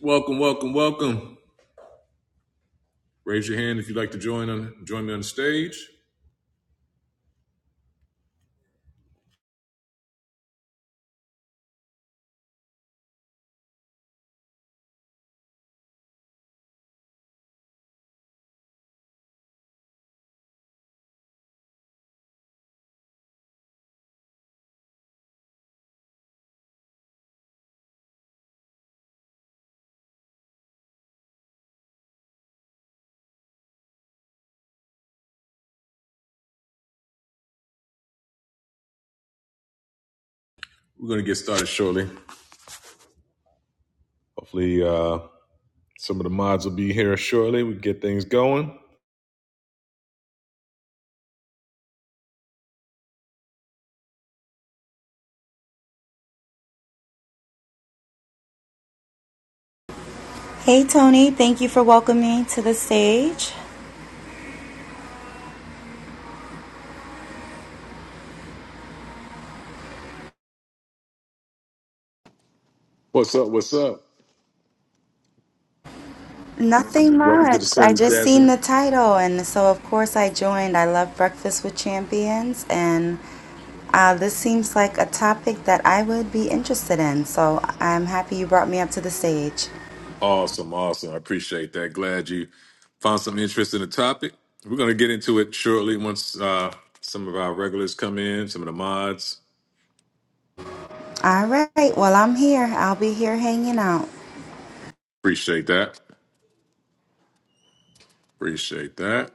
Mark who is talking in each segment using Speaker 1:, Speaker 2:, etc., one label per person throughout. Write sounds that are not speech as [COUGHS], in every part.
Speaker 1: Welcome, welcome, welcome. Raise your hand if you'd like to join on join me on stage. We're gonna get started shortly. Hopefully, uh, some of the mods will be here shortly. We can get things going.
Speaker 2: Hey Tony, thank you for welcoming me to the stage.
Speaker 1: What's up? What's up?
Speaker 2: Nothing
Speaker 1: Welcome to the
Speaker 2: much. I
Speaker 1: stage,
Speaker 2: just seen
Speaker 1: Jasmine.
Speaker 2: the title and so of course I joined. I love Breakfast with Champions and uh, this seems like a topic that I would be interested in. So I'm happy you brought me up to the stage.
Speaker 1: Awesome, awesome. I appreciate that. Glad you found some interest in the topic. We're gonna get into it shortly once uh, some of our regulars come in, some of the mods.
Speaker 2: All right, well, I'm here. I'll be here hanging out.
Speaker 1: Appreciate that. Appreciate that.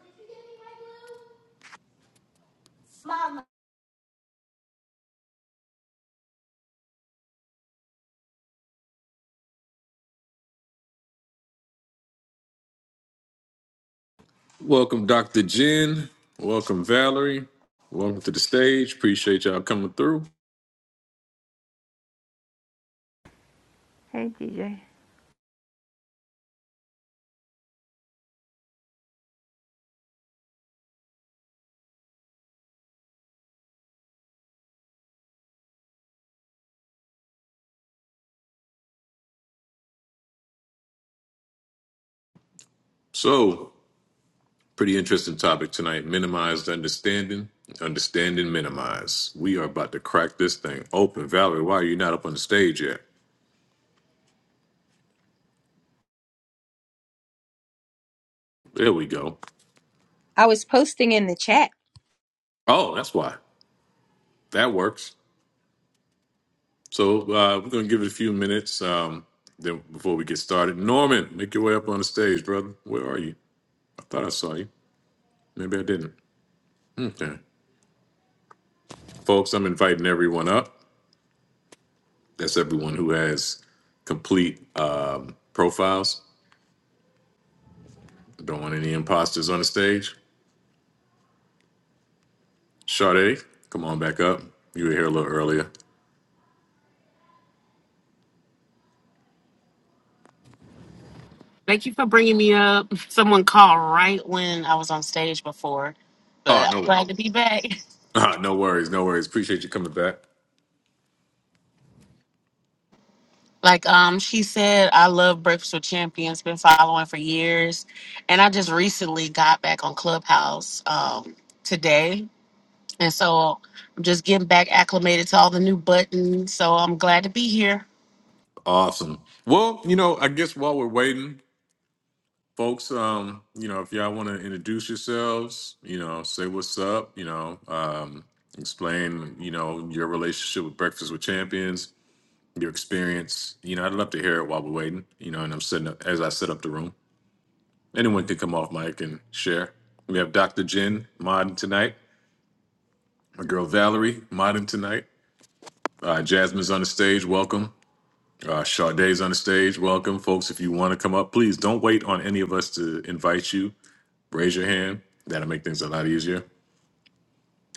Speaker 1: Welcome, Dr. Jen. Welcome, Valerie. Welcome to the stage. Appreciate y'all coming through.
Speaker 3: Hey, DJ.
Speaker 1: So, pretty interesting topic tonight minimized understanding, understanding minimized. We are about to crack this thing open. Valerie, why are you not up on the stage yet? There we go.
Speaker 4: I was posting in the chat.
Speaker 1: Oh, that's why. That works. So, uh, we're going to give it a few minutes um, then before we get started. Norman, make your way up on the stage, brother. Where are you? I thought I saw you. Maybe I didn't. Okay. Folks, I'm inviting everyone up. That's everyone who has complete uh, profiles. Don't want any imposters on the stage. Sade, come on back up. You were here a little earlier.
Speaker 5: Thank you for bringing me up. [LAUGHS] Someone called right when I was on stage before,
Speaker 1: Oh,
Speaker 5: but I'm
Speaker 1: no. [LAUGHS]
Speaker 5: glad to be back. [LAUGHS]
Speaker 1: Ah, no worries. No worries. Appreciate you coming back.
Speaker 5: Like um, she said, I love Breakfast with Champions. Been following for years, and I just recently got back on Clubhouse um, today, and so I'm just getting back acclimated to all the new buttons. So I'm glad to be here.
Speaker 1: Awesome. Well, you know, I guess while we're waiting, folks, um, you know, if y'all want to introduce yourselves, you know, say what's up, you know, um, explain, you know, your relationship with Breakfast with Champions, your experience. You know, I'd love to hear it while we're waiting, you know, and I'm setting up as I set up the room. Anyone can come off mic and share. We have Dr. Jen modding tonight. My girl Valerie modding tonight. Uh, Jasmine's on the stage. Welcome. Uh, Sade's on the stage. Welcome, folks. If you want to come up, please don't wait on any of us to invite you. Raise your hand. That'll make things a lot easier.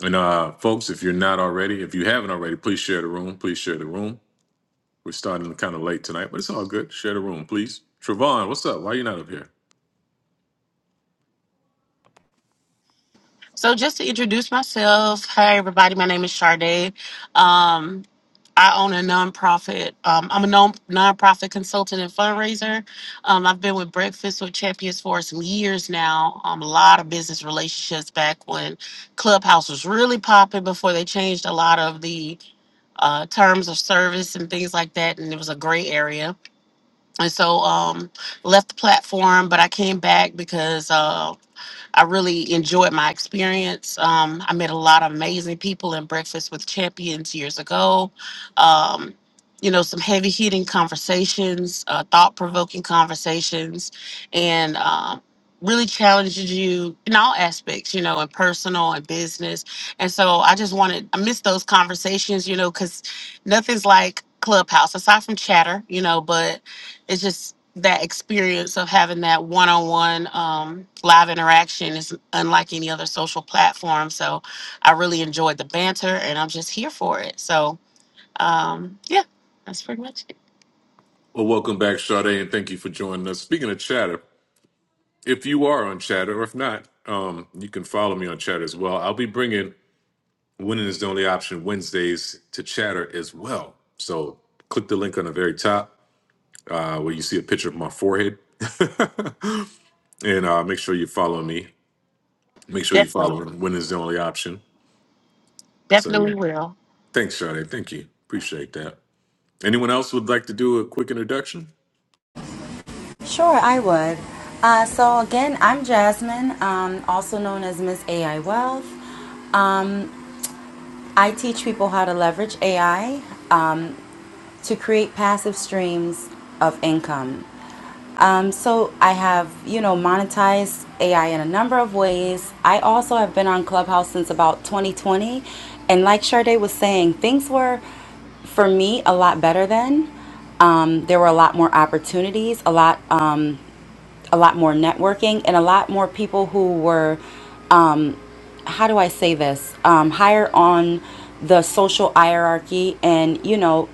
Speaker 1: And uh, folks, if you're not already, if you haven't already, please share the room. Please share the room. We're starting kind of late tonight, but it's all good. Share the room, please. Travon, what's up? Why you not up here?
Speaker 5: So just to introduce myself, hi everybody, my name is Sade. Um, I own a nonprofit. Um, I'm a non nonprofit consultant and fundraiser. Um, I've been with Breakfast with Champions for some years now. Um, a lot of business relationships back when Clubhouse was really popping before they changed a lot of the uh, terms of service and things like that, and it was a gray area. And so um, left the platform, but I came back because. Uh, I really enjoyed my experience. Um, I met a lot of amazing people in Breakfast with Champions years ago. Um, you know, some heavy hitting conversations, uh, thought provoking conversations, and um, really challenges you in all aspects, you know, in personal and business. And so I just wanted, I miss those conversations, you know, because nothing's like Clubhouse aside from chatter, you know, but it's just that experience of having that one-on-one um, live interaction is unlike any other social platform so i really enjoyed the banter and i'm just here for it so um, yeah that's pretty much it
Speaker 1: Well, welcome back, Sade, and thank you for joining us. Speaking of chatter, if you are on chatter or if not um, you can follow me on chatter as well i'll be bringing winning is the only option wednesdays to chatter as well so click the link on the very top uh, where you see a picture of my forehead [LAUGHS] and uh, make sure you follow me make sure you
Speaker 5: definitely
Speaker 1: follow winning is the only option so
Speaker 5: definitely
Speaker 1: yeah
Speaker 5: will
Speaker 1: thanks Sade. thank you appreciate that anyone else would like to do a quick introduction
Speaker 2: Sure, I would. Uh, so again, I'm Jasmine, um, also known as Miss AI Wealth. Um, I teach people how to leverage AI. to create passive streams of income. Um, so I have, you know, monetized AI in a number of ways. I also have been on Clubhouse since about 2020, and like Sade was saying, things were for me a lot better then. Um, there were a lot more opportunities, a lot, um, a lot more networking, and a lot more people who were um, how do I say this? Um, higher on the social hierarchy and, you know,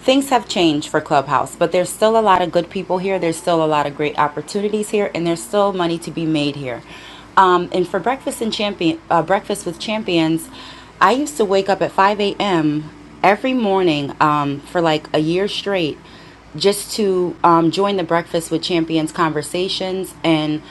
Speaker 2: things have changed for Clubhouse, but there's still a lot of good people here. There's still a lot of great opportunities here, and there's still money to be made here. Um, and for breakfast and champion, uh, breakfast with champions, I used to wake up at 5 a.m. every morning um, for like a year straight, just to um, join the breakfast with champions conversations and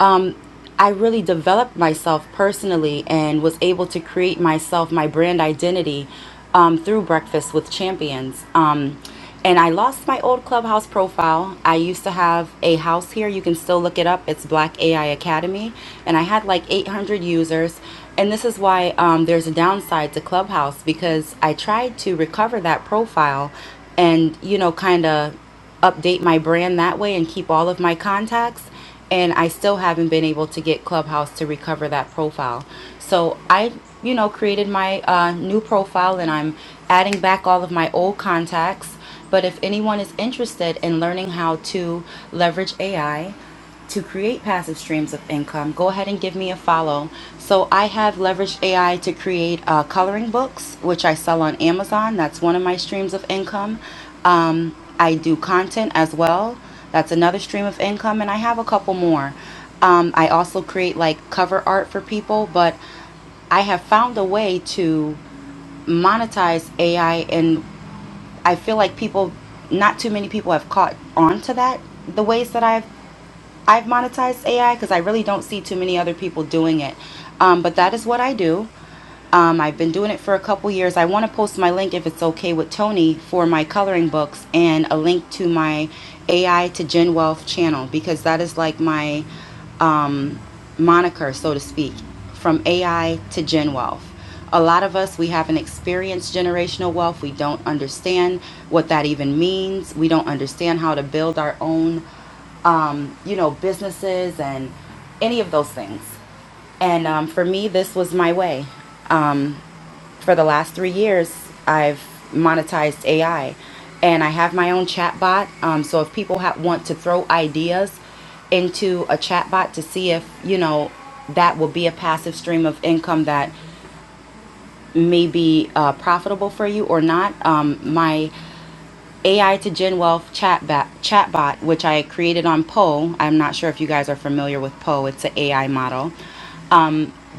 Speaker 2: um, I really developed myself personally and was able to create myself my brand identity um, through Breakfast with Champions. Um, and I lost my old clubhouse profile. I used to have a house here. You can still look it up. It's Black AI Academy. And I had like 800 users. And this is why um, there's a downside to Clubhouse because I tried to recover that profile and, you know, kind of update my brand that way and keep all of my contacts. And I still haven't been able to get Clubhouse to recover that profile. So I, you know, created my uh, new profile and I'm adding back all of my old contacts. But if anyone is interested in learning how to leverage AI, to create passive streams of income, go ahead and give me a follow. So I have leveraged AI to create uh, coloring books, which I sell on Amazon. That's one of my streams of income. Um, I do content as well. That's another stream of income, and I have a couple more. Um, I also create like cover art for people, but I have found a way to monetize AI, and I feel like people, not too many people, have caught on to that the ways that I've I've monetized AI because I really don't see too many other people doing it. Um, but that is what I do. Um, I've been doing it for a couple years. I want to post my link if it's okay with Tony for my coloring books and a link to my AI to Gen Wealth channel because that is like my um, moniker, so to speak, from AI to Gen Wealth. A lot of us, we haven't experienced generational wealth. We don't understand what that even means. We don't understand how to build our own um, you know, businesses and any of those things. And um, for me, this was my way. Um, for the last three years, I've monetized AI and I have my own chatbot. Um, so if people ha- want to throw ideas into a chatbot to see if, you know, that will be a passive stream of income that may be uh, profitable for you or not. Um, my AI to Gen Wealth chat chatbot, which I created on Poe. I'm not sure if you guys are familiar with Poe. It's an AI model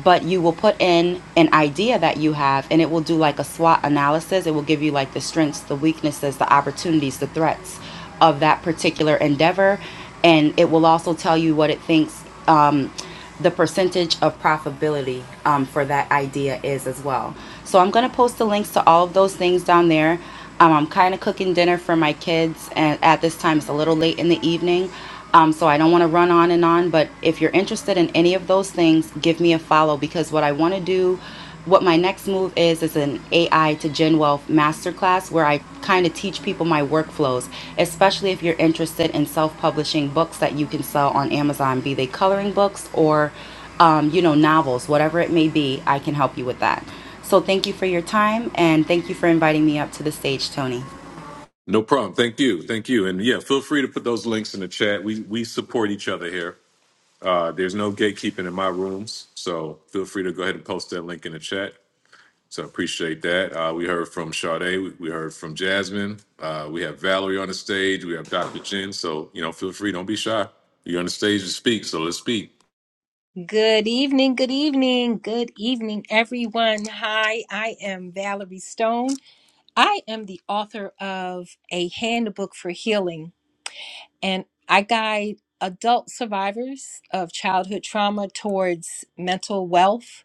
Speaker 2: but you will put in an idea that you have and it will do like a SWOT analysis. It will give you like the strengths, the weaknesses, the opportunities, the threats of that particular endeavor. And it will also tell you what it thinks um, the percentage of profitability um, for that idea is as well. So I'm going to post the links to all of those things down there. Um, I'm kind of cooking dinner for my kids, and at this time it's a little late in the evening. Um, so I don't want to run on and on, but if you're interested in any of those things, give me a follow because what I want to do, what my next move is, is an AI to Gen Wealth masterclass where I kind of teach people my workflows, especially if you're interested in self publishing books that you can sell on Amazon, be they coloring books or, um, you know, novels, whatever it may be, I can help you with that. So thank you for your time and thank you for inviting me up to the stage, Tony.
Speaker 1: no problem thank you thank you and yeah feel free to put those links in the chat we we support each other here Uh, there's no gatekeeping in my rooms, so feel free to go ahead and post that link in the chat. So I appreciate that. Uh, we heard from Sade, we, we heard from Jasmine, uh, we have Valerie on the stage, we have Dr. Jen. So you know, feel free, don't be shy. You're on the stage to speak, so let's speak.
Speaker 4: Good evening, good evening, good evening, everyone. Hi, I am Valerie Stone. I am the author of A Handbook for Healing, and I guide adult survivors of childhood trauma towards mental wealth,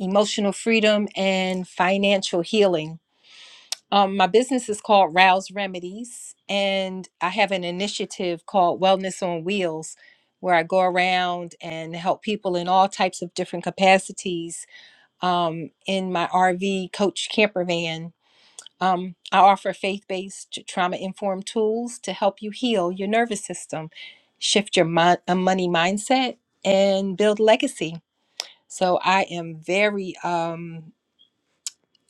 Speaker 4: emotional freedom, and financial healing. Um, my business is called Rouse Remedies, and I have an initiative called Wellness on Wheels, where I go around and help people in all types of different capacities um, in my RV coach camper van. Um, I offer faith based trauma informed tools to help you heal your nervous system, shift your mon- uh, money mindset, and build legacy. So I am very um,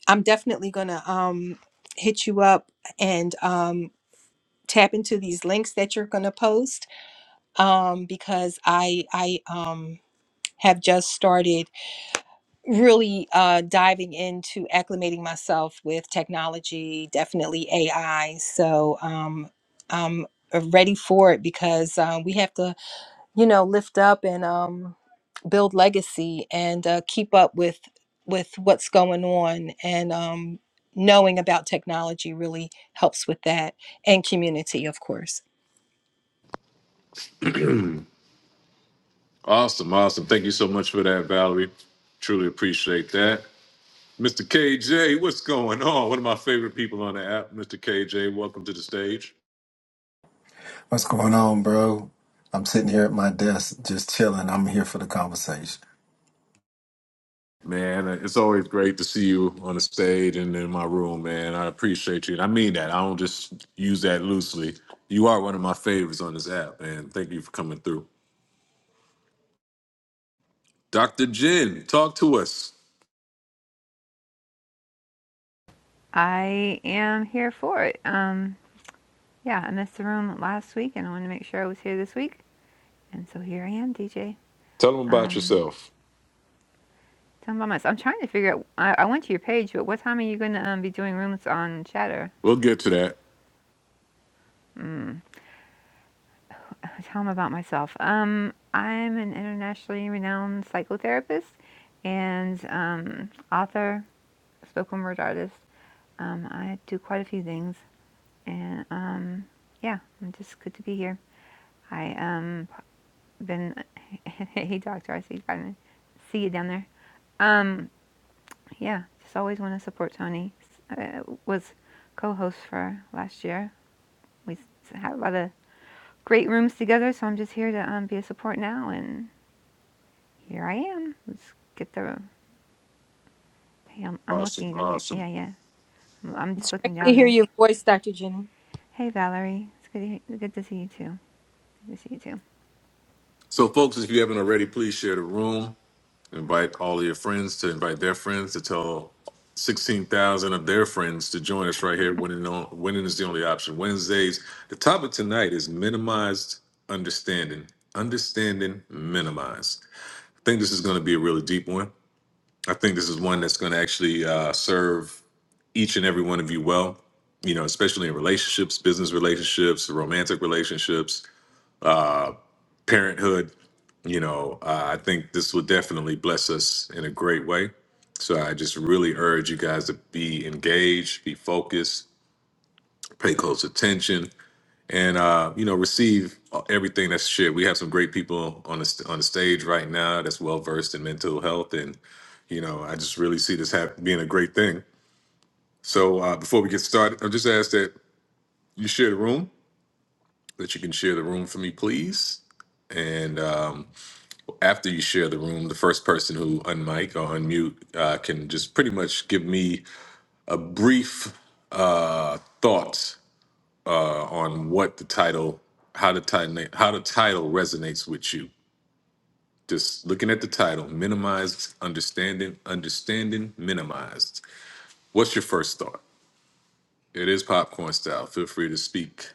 Speaker 4: I'm definitely gonna um hit you up and um tap into these links that you're gonna post um because I I um have just started really uh, diving into acclimating myself with technology, definitely AI. So um, I'm uh, ready for it because uh, we have to you know lift up and um build legacy and uh, keep up with with what's going on and um knowing about technology really helps with that and community of course
Speaker 1: Awesome, awesome. Thank you so much for that, Valerie. Truly appreciate that. Mr. KJ, what's going on? One of my favorite people on the app, Mr. KJ. Welcome to the stage.
Speaker 6: What's going on, bro? I'm sitting here at my desk just chilling. I'm here for the conversation.
Speaker 1: Man, it's always great to see you on the stage and in my room, man. I appreciate you. And I mean that. I don't just use that loosely. You are one of my favorites on this app, man. Thank you for coming through. Dr. Jin, talk to us.
Speaker 3: I am here for it. Um, yeah, I missed the room last week, and I wanted to make sure I was here this week, and so here I am, DJ.
Speaker 1: Tell them about
Speaker 3: Um,
Speaker 1: yourself.
Speaker 3: tell me about myself. I'm trying to figure out. I, I went to your page, but what time are you going to um, be doing rooms on Chatter?
Speaker 1: We'll get to that.
Speaker 3: Mm, [LAUGHS] tell them about myself. Um, I'm an internationally renowned psychotherapist and um, author, spoken word artist. Um, I do quite a few things, and um, yeah, I'm just good to be here. I um, been [LAUGHS] hey doctor i see you got in see you down there um yeah just always want to support tony uh, was co-host for last year we had a lot of great rooms together so i'm just here to um, be a support now and here i am let's get the room. hey i'm, I'm
Speaker 1: Awesome.
Speaker 3: looking down here
Speaker 1: Awesome.
Speaker 3: yeah yeah I'm, I'm just
Speaker 4: It's
Speaker 3: looking
Speaker 4: great to
Speaker 3: down
Speaker 4: hear
Speaker 3: to
Speaker 4: your voice, Dr. Jenny.
Speaker 3: hey valerie it's good to, good to see you too good to see you too
Speaker 1: So, folks, if you haven't already, please share the room. Invite all of your friends to invite their friends to tell 16,000 of their friends to join us right here. Winning, on, winning is the only option. Wednesdays. The topic tonight is minimized understanding. Understanding minimized. I think this is going to be a really deep one. I think this is one that's going to actually uh, serve each and every one of you well, you know, especially in relationships, business relationships, romantic relationships, parenthood you know, uh, I think this will definitely bless us in a great way. So I just really urge you guys to be engaged, be focused, pay close attention, and uh, you know, receive uh, everything that's shared. We have some great people on the st- on the stage right now that's well versed in mental health, and you know, I just really see this hap- being a great thing. So uh, before we get started, I'll just ask that you share the room, that you can share the room for me, please. And um, after you share the room, the first person who unmic or unmute uh, can just pretty much give me a brief uh, thoughts uh, on what the title, how the title, how the title resonates with you. Just looking at the title, minimized understanding, understanding minimized. What's your first thought? It is popcorn style. Feel free to speak.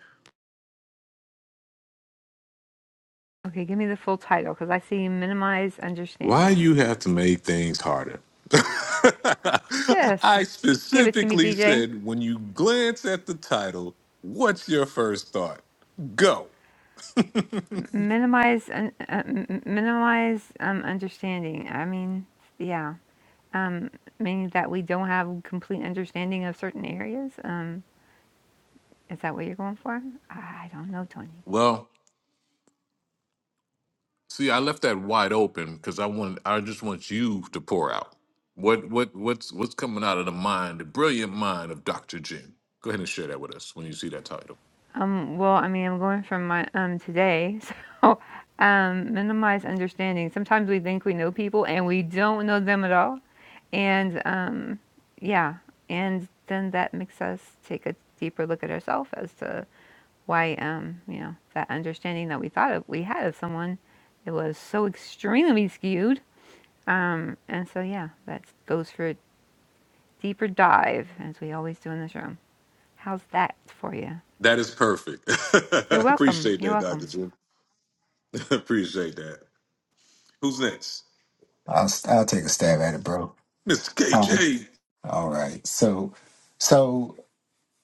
Speaker 3: okay give me the full title because i see minimize
Speaker 1: Why
Speaker 3: understanding
Speaker 1: you have to make things harder? [LAUGHS]
Speaker 3: just
Speaker 1: I
Speaker 3: give it to me
Speaker 1: specifically
Speaker 3: dj
Speaker 1: said when you glance at the title, what's your first thought? Go.
Speaker 3: minimize un, uh, m- minimize um, understanding. I mean, yeah, um, meaning that we don't have complete understanding of certain areas. Um, is that what you're going for? I I don't know, Tony.
Speaker 1: Well, see, I left that wide open because I want I just want you to pour out. What what what's what's coming out of the mind, the brilliant mind of Dr. Jim? Go ahead and share that with us when you see that title.
Speaker 3: Um, well, I mean, I'm going from my um today, [LAUGHS] so um, minimize understanding. Sometimes we think we know people and we don't know them at all, and um, yeah, and then that makes us take a deeper look at ourselves as to why um, you know, that understanding that we thought of, we had of someone, it was so extremely skewed. Um, and so yeah, that goes for a deeper dive, as we always do in this room. How's that for you?
Speaker 1: That is perfect. [LAUGHS]
Speaker 3: You're welcome.
Speaker 1: Appreciate
Speaker 3: You're
Speaker 1: that, Dr.
Speaker 3: welcome.
Speaker 1: Jim. [LAUGHS] Appreciate that. Who's next?
Speaker 6: I'll, I'll take a stab at it, bro.
Speaker 1: Mr.
Speaker 6: Um,
Speaker 1: KJ.
Speaker 6: All right. So, so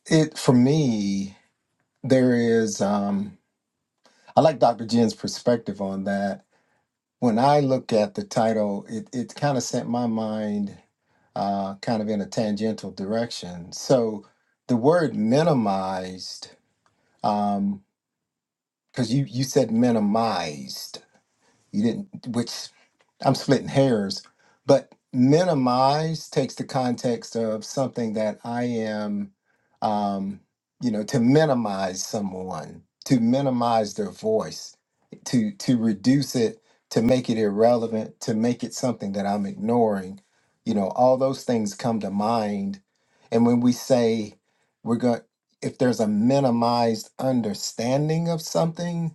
Speaker 6: it for me, there is, um, I like Dr. Jen's perspective on that. When I look at the title, it, it kind of sent my mind uh, kind of in a tangential direction. So the word minimized, because you, you said minimized. You didn't, which I'm splitting hairs, but minimize takes the context of something that I am, um, you know, to minimize someone, to minimize their voice, to to reduce it, to make it irrelevant, to make it something that I'm ignoring. You know, all those things come to mind, and when we say we're going, if there's a minimized understanding of something,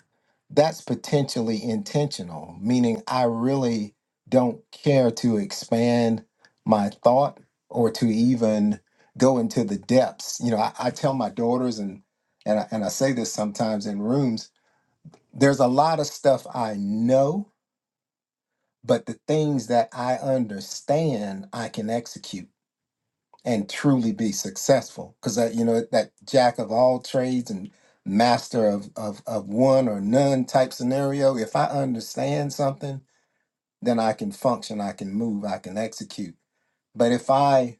Speaker 6: that's potentially intentional, meaning I really don't care to expand my thought or to even go into the depths. You know, I, I tell my daughters and and I, and I say this sometimes in rooms. There's a lot of stuff I know, but the things that I understand, I can execute and truly be successful because that you know that jack of all trades and master of, of of one or none type scenario if i understand something then i can function i can move i can execute but if i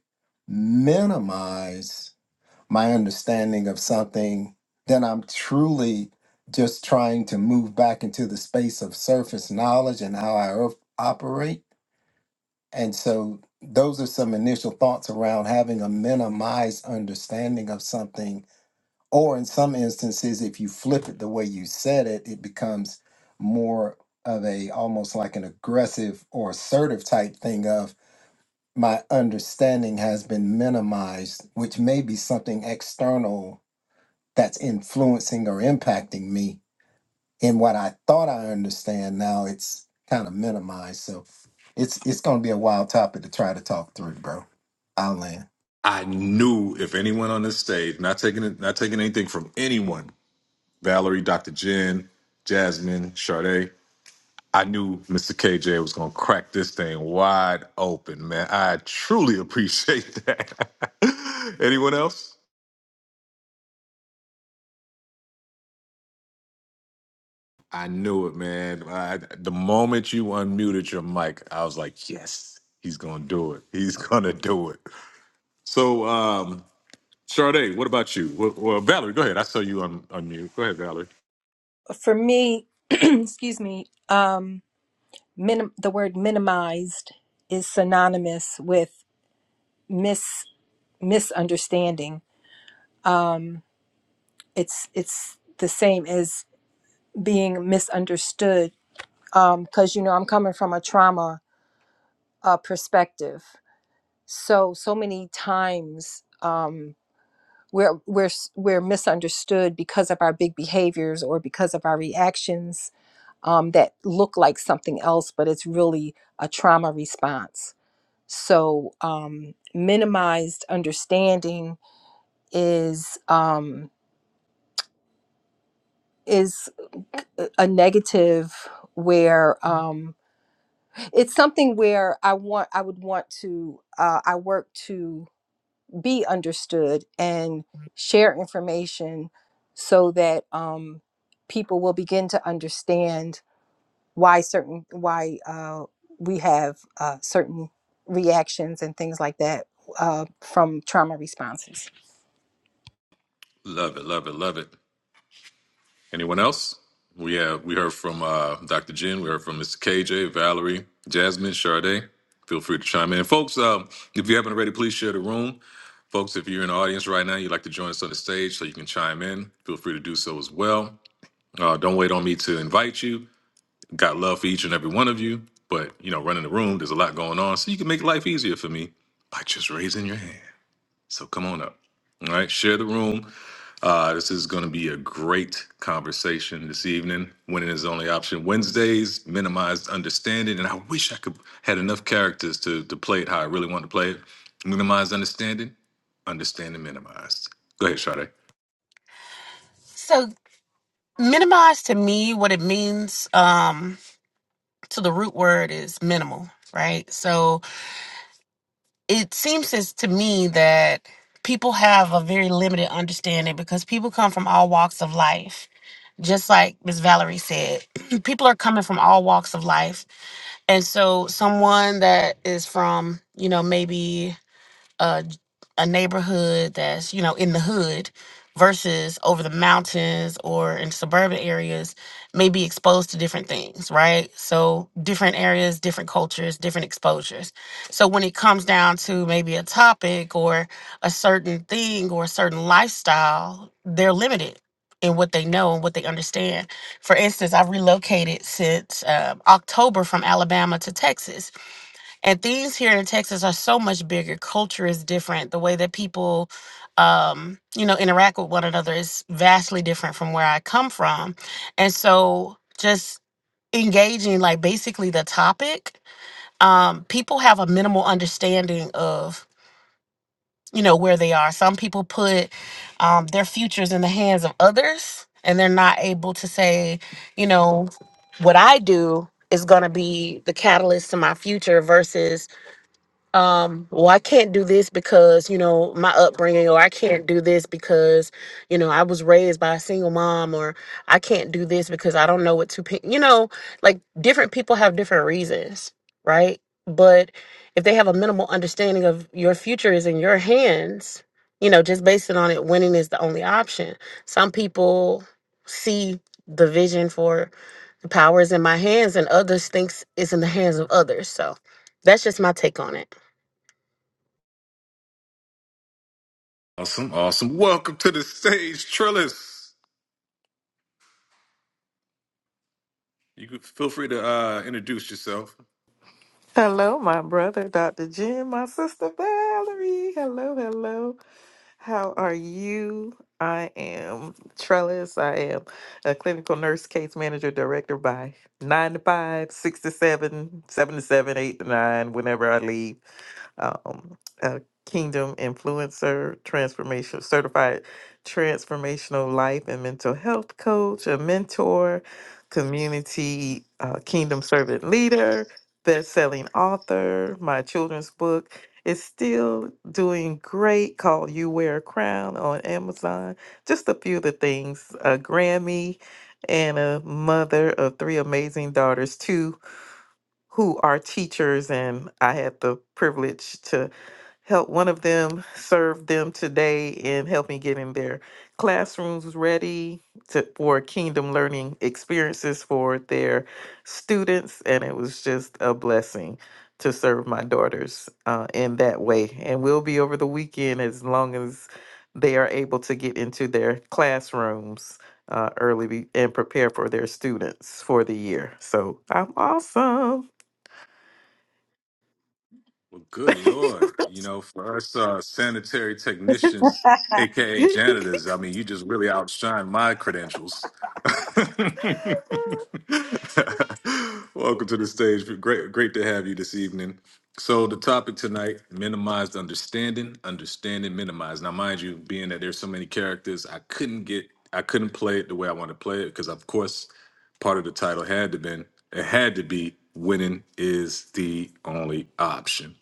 Speaker 6: minimize my understanding of something then i'm truly just trying to move back into the space of surface knowledge and how i op- operate and so those are some initial thoughts around having a minimized understanding of something. Or in some instances, if you flip it the way you said it, it becomes more of a almost like an aggressive or assertive type thing of my understanding has been minimized, which may be something external that's influencing or impacting me and what I thought I understand now, it's kind of minimized. So it's it's going to be a wild topic to try to talk through, bro. I'll land.
Speaker 1: I knew if anyone on this stage, not taking it, not taking anything from anyone, Valerie, Dr. Jen, Jasmine, Sade, I knew Mr. KJ was gonna crack this thing wide open, man. I truly appreciate that. [LAUGHS] anyone else? I knew it, man. I, the moment you unmuted your mic, I was like, yes, he's gonna do it. He's [LAUGHS] gonna do it. So, um, Sade, what about you? Well, well Valerie, go ahead. I saw you on, on Go ahead, Valerie.
Speaker 4: for me [CLEARS THROAT] excuse me um minim- the word minimized is synonymous with mis misunderstanding um it's it's the same as being misunderstood because you know I'm coming from a trauma uh, perspective. So so many times um, we're we're s- we're misunderstood because of our big behaviors or because of our reactions um, that look like something else, but it's really a trauma response. So um, minimized understanding is um, is uh, a negative where. Um, it's something where I want I would want to uh, I work to be understood and share information so that um, people will begin to understand why certain why uh, we have uh, certain reactions and things like that uh, from trauma responses.
Speaker 1: Love it, love it, love it. Anyone else? We have we heard from uh, Dr. Jen, we heard from Mr. KJ, Valerie, Jasmine, Sade. Feel free to chime in. Folks, um, if you haven't already, please share the room. Folks, if you're in the audience right now, you'd like to join us on the stage so you can chime in, feel free to do so as well. Uh, don't wait on me to invite you. Got love for each and every one of you, but you know, running the room, there's a lot going on. So you can make life easier for me by just raising your hand. So come on up. All right, share the room. Uh, this is going to be a great conversation this evening. Winning is the only option. Wednesdays, minimized understanding, and I wish I could had enough characters to to play it how I really want to play it. Minimized understanding, understanding minimized. Go ahead, Sade.
Speaker 5: so minimize to me what it means um, to the root word is minimal right so it seems as to me that people have a very limited understanding because people come from all walks of life just like Miss Valerie said, [CLEARS THROAT] people are coming from all walks of life. And so someone that is from, you know, maybe a a neighborhood that's you know in the hood versus over the mountains or in suburban areas may be exposed to different things right so different areas different cultures different exposures so when it comes down to maybe a topic or a certain thing or a certain lifestyle they're limited in what they know and what they understand for instance i've relocated since um, october from alabama to texas and things here in Texas are so much bigger. Culture is different. The way that people, um, you know, interact with one another is vastly different from where I come from, and so just engaging like basically the topic, um, people have a minimal understanding of you know where they are. Some people put um, their futures in the hands of others, and they're not able to say, you know, what I do is going to be the catalyst to my future versus um well i can't do this because you know my upbringing or i can't do this because you know i was raised by a single mom or i can't do this because i don't know what to pick you know like different people have different reasons right but if they have a minimal understanding of your future is in your hands you know just basing on it winning is the only option some people see the vision for the power is in my hands and others thinks it's in the hands of others so that's just my take on it
Speaker 1: Awesome, awesome. Welcome to the stage, Trillis. You can feel free to uh, introduce yourself.
Speaker 7: Hello, my brother, Dr. Jim, my sister Valerie. Hello, hello. How are you? I am Trellis. I am a clinical nurse case manager director by 9 to 5, 6 to 7, 7 to 7, 8 to 9, whenever I leave um, a Kingdom Influencer, transformation certified transformational life and mental health coach, a mentor, community uh, Kingdom servant leader, best-selling author. My children's book is still doing great. Called "You Wear a Crown" on Amazon. Just a few of the things. A Grammy and a mother of three amazing daughters, two who are teachers, and I had the privilege to help one of them serve them today in helping getting their classrooms ready to, for kingdom learning experiences for their students and it was just a blessing to serve my daughters uh, in that way and we'll be over the weekend as long as they are able to get into their classrooms uh, early be- and prepare for their students for the year so i'm awesome
Speaker 1: Well, good Lord. You know, for us uh, sanitary technicians, AKA janitors,
Speaker 7: [LAUGHS]
Speaker 1: I mean, you just really outshine my credentials. [LAUGHS] Welcome
Speaker 7: [LAUGHS]
Speaker 1: to the stage. Great, great to have you this evening. So, the topic tonight minimized understanding, understanding minimized. Now, mind you, being that there's so many characters, I couldn't get, I couldn't play it the way I want to play it because, of course, part of the title had to been, it had to be winning is the only option.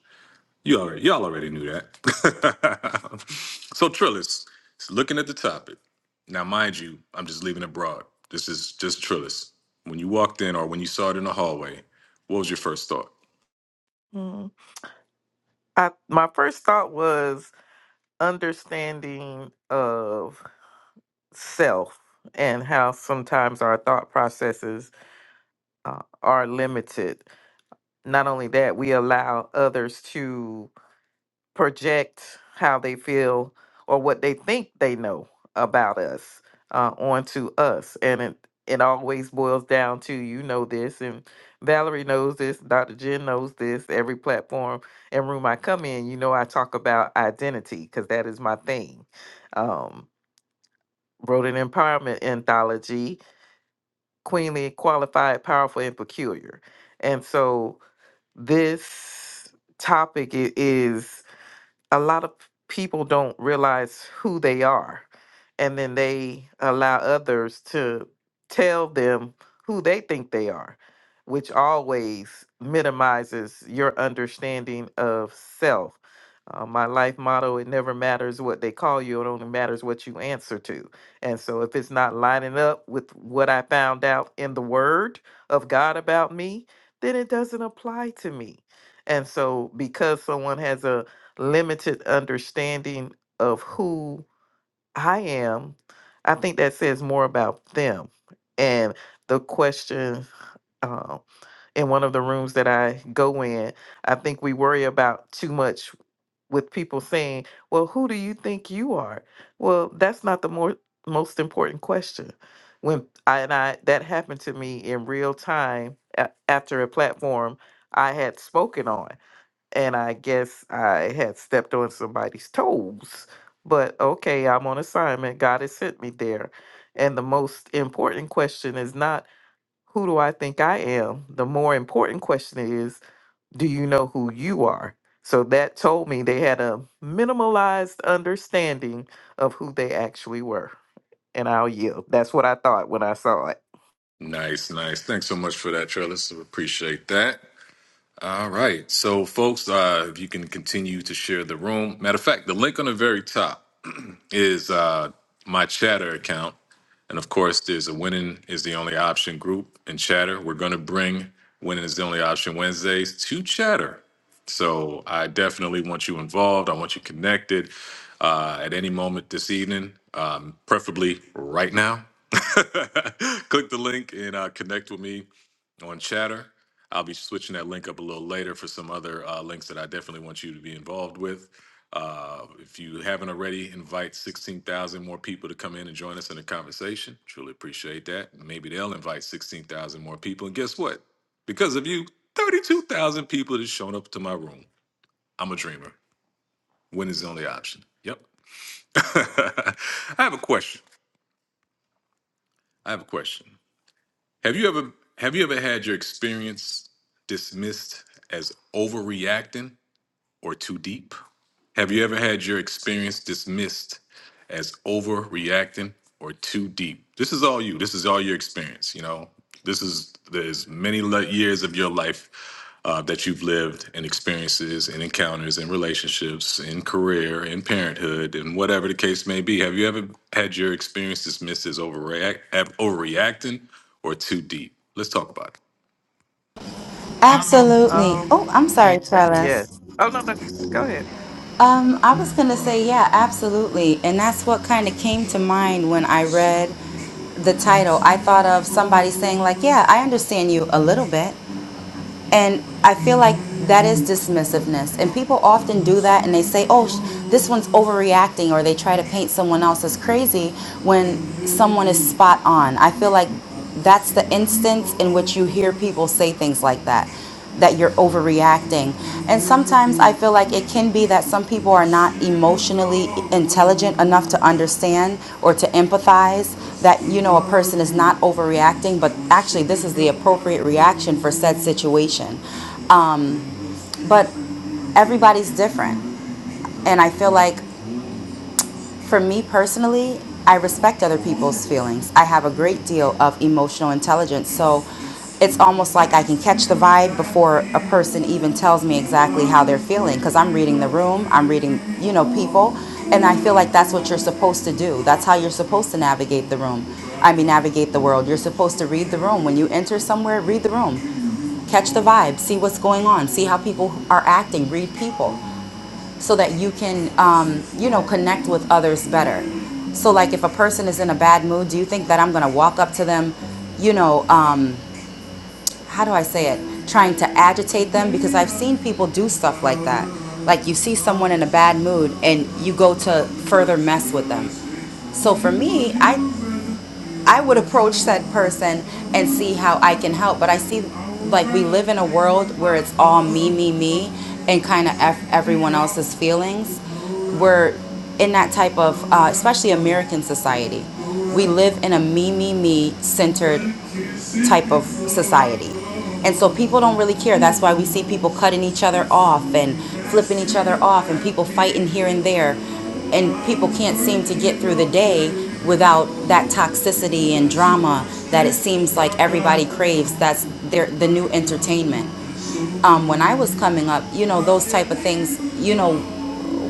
Speaker 1: You already, y'all already knew that. [LAUGHS] so Trillis is looking at the topic. Now, mind you, I'm just leaving it broad. This is just Trillis. When you walked in or when you saw it in the hallway, what was your first thought?
Speaker 7: Mm. I my first thought was understanding of self and how sometimes our thought processes uh, are limited. Not only that, we allow others to project how they feel or what they think they know about us uh, onto us. And it, it always boils down to you know this, and Valerie knows this, Dr. Jen knows this. Every platform and room I come in, you know, I talk about identity because that is my thing. Um, wrote an empowerment anthology, queenly, qualified, powerful, and peculiar. And so this topic i- is a lot of people don't realize who they are and then they allow others to tell them who they think they are which always minimizes your understanding of self uh, my life motto it never matters what they call you it only matters what you answer to and so if it's not lining up with what i found out in the word of god about me then it doesn't apply to me and so because someone has a limited understanding of who I am, I think that says more about them. And the question um, in one of the rooms that I go in, I think we worry about too much with people saying, Well, who do you think you are? Well, that's not the more, most important question. When I, and I that happened to me in real time a- after a platform I had spoken on and I guess I had stepped on somebody's toes. But okay, I'm on assignment. God has sent me there. And the most important question is not who do I think I am? The more important question is do you know who you are? So that told me they had a minimalized understanding of who they actually were. And I'll yield. That's what I thought when I saw it.
Speaker 1: Nice, nice. Thanks so much for that, Trellis. We Appreciate that. All right. So, folks, uh, if you can continue to share the room. Matter of fact, the link on the very top. is uh, my Chatter account. And of course, there's a Winning is the Only Option group in Chatter. We're going to bring Winning is the Only Option Wednesdays to Chatter. So I definitely want you involved. I want you connected uh, at any moment this evening, um, preferably right now. [LAUGHS] Click the link and uh, connect with me on Chatter. I'll be switching that link up a little later for some other uh, links that I definitely want you to be involved with. Uh, if you haven't already, invite 16,000 more people to come in and join us in the conversation. Truly appreciate that. Maybe they'll invite 16,000 more people. And guess what? Because of you, 32,000 people have shown up to my room. I'm a dreamer. Win is the only option. Yep. [LAUGHS] I have a question. I have a question. Have you ever have you ever had your experience dismissed as overreacting or too deep? Have you ever had your experience dismissed as overreacting or too deep? This is all you. This is all your experience. You know, this is there's many le- years of your life uh, that you've lived and experiences and encounters and relationships and career and parenthood and whatever the case may be. Have you ever had your experience dismissed as overreact, ab- overreacting or too deep? Let's talk about it.
Speaker 2: Absolutely.
Speaker 7: Um,
Speaker 2: Oh, I'm sorry, Trellis.
Speaker 7: yes. Oh no, no. Go ahead.
Speaker 2: Um, I was going to say, yeah, absolutely. And that's what kind of came to mind when I read the title. I thought of somebody saying, like, yeah, I understand you a little bit. And I feel like that is dismissiveness. And people often do that and they say, oh, sh- this one's overreacting, or they try to paint someone else as crazy when someone is spot on. I feel like that's the instance in which you hear people say things like that that you're overreacting. And sometimes I feel like it can be that some people are not emotionally intelligent enough to understand or to empathize that you know a person is not overreacting, but actually this is the appropriate reaction for said situation. But everybody's different. And I feel like for me personally, I respect other people's feelings. I have a great deal of emotional intelligence, so it's almost like I can catch the vibe before a person even tells me exactly how they're feeling because I'm reading the room, I'm reading, you know, people, and I feel like that's what you're supposed to do. That's how you're supposed to navigate the room. I mean, navigate the world. You're supposed to read the room. When you enter somewhere, read the room catch the vibe, see what's going on, see how people are acting, read people so that you can, um, you know, connect with others better. So, like, if a person is in a bad mood, do you think that I'm gonna walk up to them, you know, um, how do I say it, trying to agitate them? Because I've seen people do stuff like that. Like, you see someone in a bad mood and you go to further mess with them. So for me, I I would approach said person and see how I can help. But I see, like, we live in a world where it's all me, me, me, and kind of f everyone else's feelings. We're in that type of, uh, especially American society. We live in a me, me, me centered type of society. And so people don't really care. That's why we see people cutting each other off and flipping each other off and people fighting here and there. And people can't seem to get through the day without that toxicity and drama that it seems like everybody craves. That's their, the new entertainment um, when I was coming up, you know, those type of things, you know,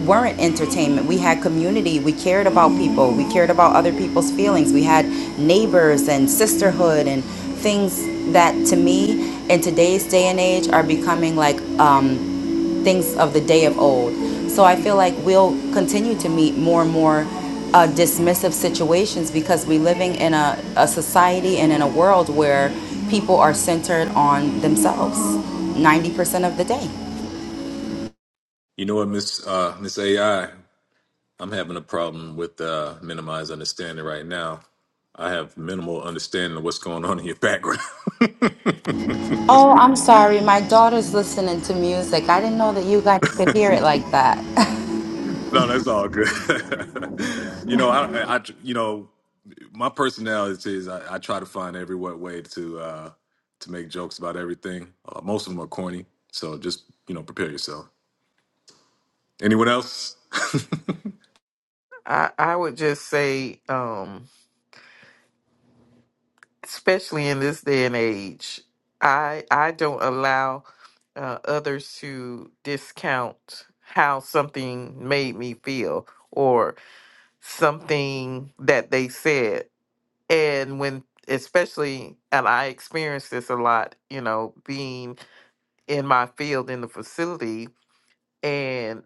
Speaker 2: weren't entertainment. We had community. We cared about people. We cared about other people's feelings. We had neighbors and sisterhood and things that to me in today's day and age are becoming like um, things of the day of old. So I feel like we'll continue to meet more and more uh, dismissive situations because we're living in a, a society and in a world where people are centered on themselves 90% of the day.
Speaker 1: You know what, Miss uh, Miss AI? I'm having a problem with uh, minimized understanding right now. I have minimal understanding of what's going on in your background. [LAUGHS]
Speaker 2: Oh, I'm sorry. My daughter's listening to music. I didn't know that you guys could hear it like that. [LAUGHS]
Speaker 1: no, that's all good. [LAUGHS] you know, I, I, I- you know, my personality is I, I try to find every what way to uh, to make jokes about everything. Uh, most of them are corny, so just you know, prepare yourself. Anyone else? [LAUGHS]
Speaker 7: I, I would just say, um, especially in this day and age. I I don't allow uh, others to discount how something made me feel or something that they said. And when especially and I experienced this a lot, you know, being in my field in the facility and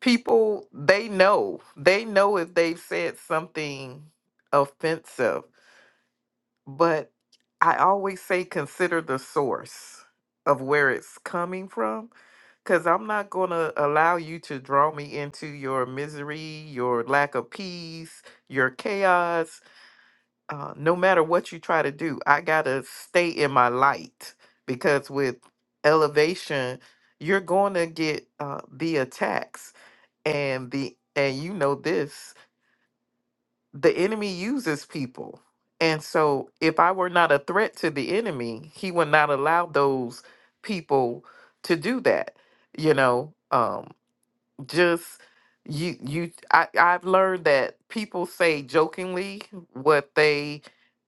Speaker 7: people they know. They know if they've said something offensive But I always say consider the source of where it's coming from because I'm not going to allow you to draw me into your misery, your lack of peace, your chaos. Uh, no matter what you try to do, I got to stay in my light because with elevation, you're going to get uh, the attacks and the and you know this the enemy uses people. And so if I were not a threat to the enemy, he would not allow those people to do that. You know, um just you you I, I've learned that people say jokingly what they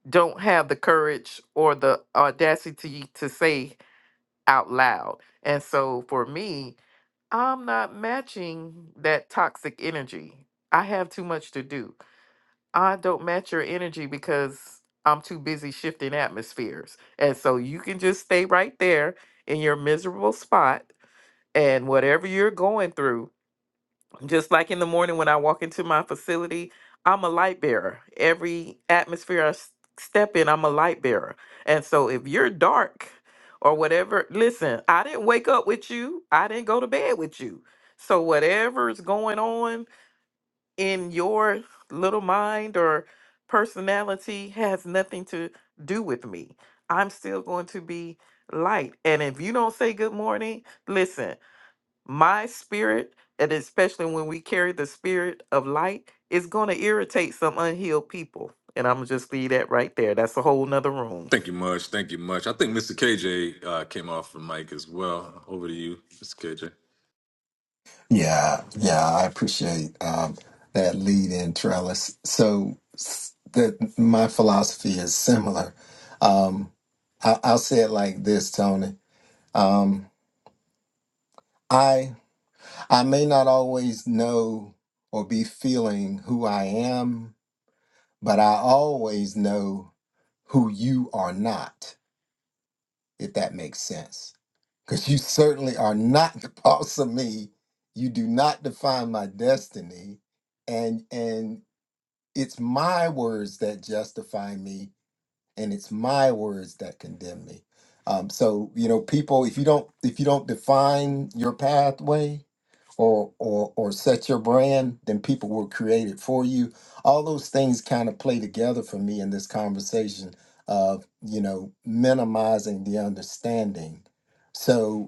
Speaker 7: don't have the courage or the audacity to say out loud. And so for me, I'm not matching that toxic energy. I have too much to do. I don't match your energy because I'm too busy shifting atmospheres. And so you can just stay right there in your miserable spot and whatever you're going through. Just like in the morning when I walk into my facility, I'm a light bearer. Every atmosphere I s- step in, I'm a light bearer. And so if you're dark or whatever, listen, I didn't wake up with you, I didn't go to bed with you. So whatever's going on, in your little mind or personality has nothing to do with me. I'm still going to be light. And if you don't say good morning, listen, my spirit, and especially when we carry the spirit of light, is going to irritate some unhealed people. And I'm just leave that right there. That's a whole nother room.
Speaker 1: Thank you much. Thank you much. I think Mr. KJ uh, came off the mic as well. Over to you, Mr. KJ.
Speaker 6: Yeah, yeah, I appreciate um, that lead in trellis. So s- the, my philosophy is similar. Um, I, I'll say it like this, Tony. Um, I I may not always know or be feeling who I am, but I always know who you are not if that makes sense. Because you certainly are not [LAUGHS] the boss of me. You do not define my destiny. And and it's my words that justify me, and it's my words that condemn me. Um, so you know, people, if you don't if you don't define your pathway or or or set your brand, then people will create it for you. All those things kind of play together for me in this conversation of you know minimizing the understanding. So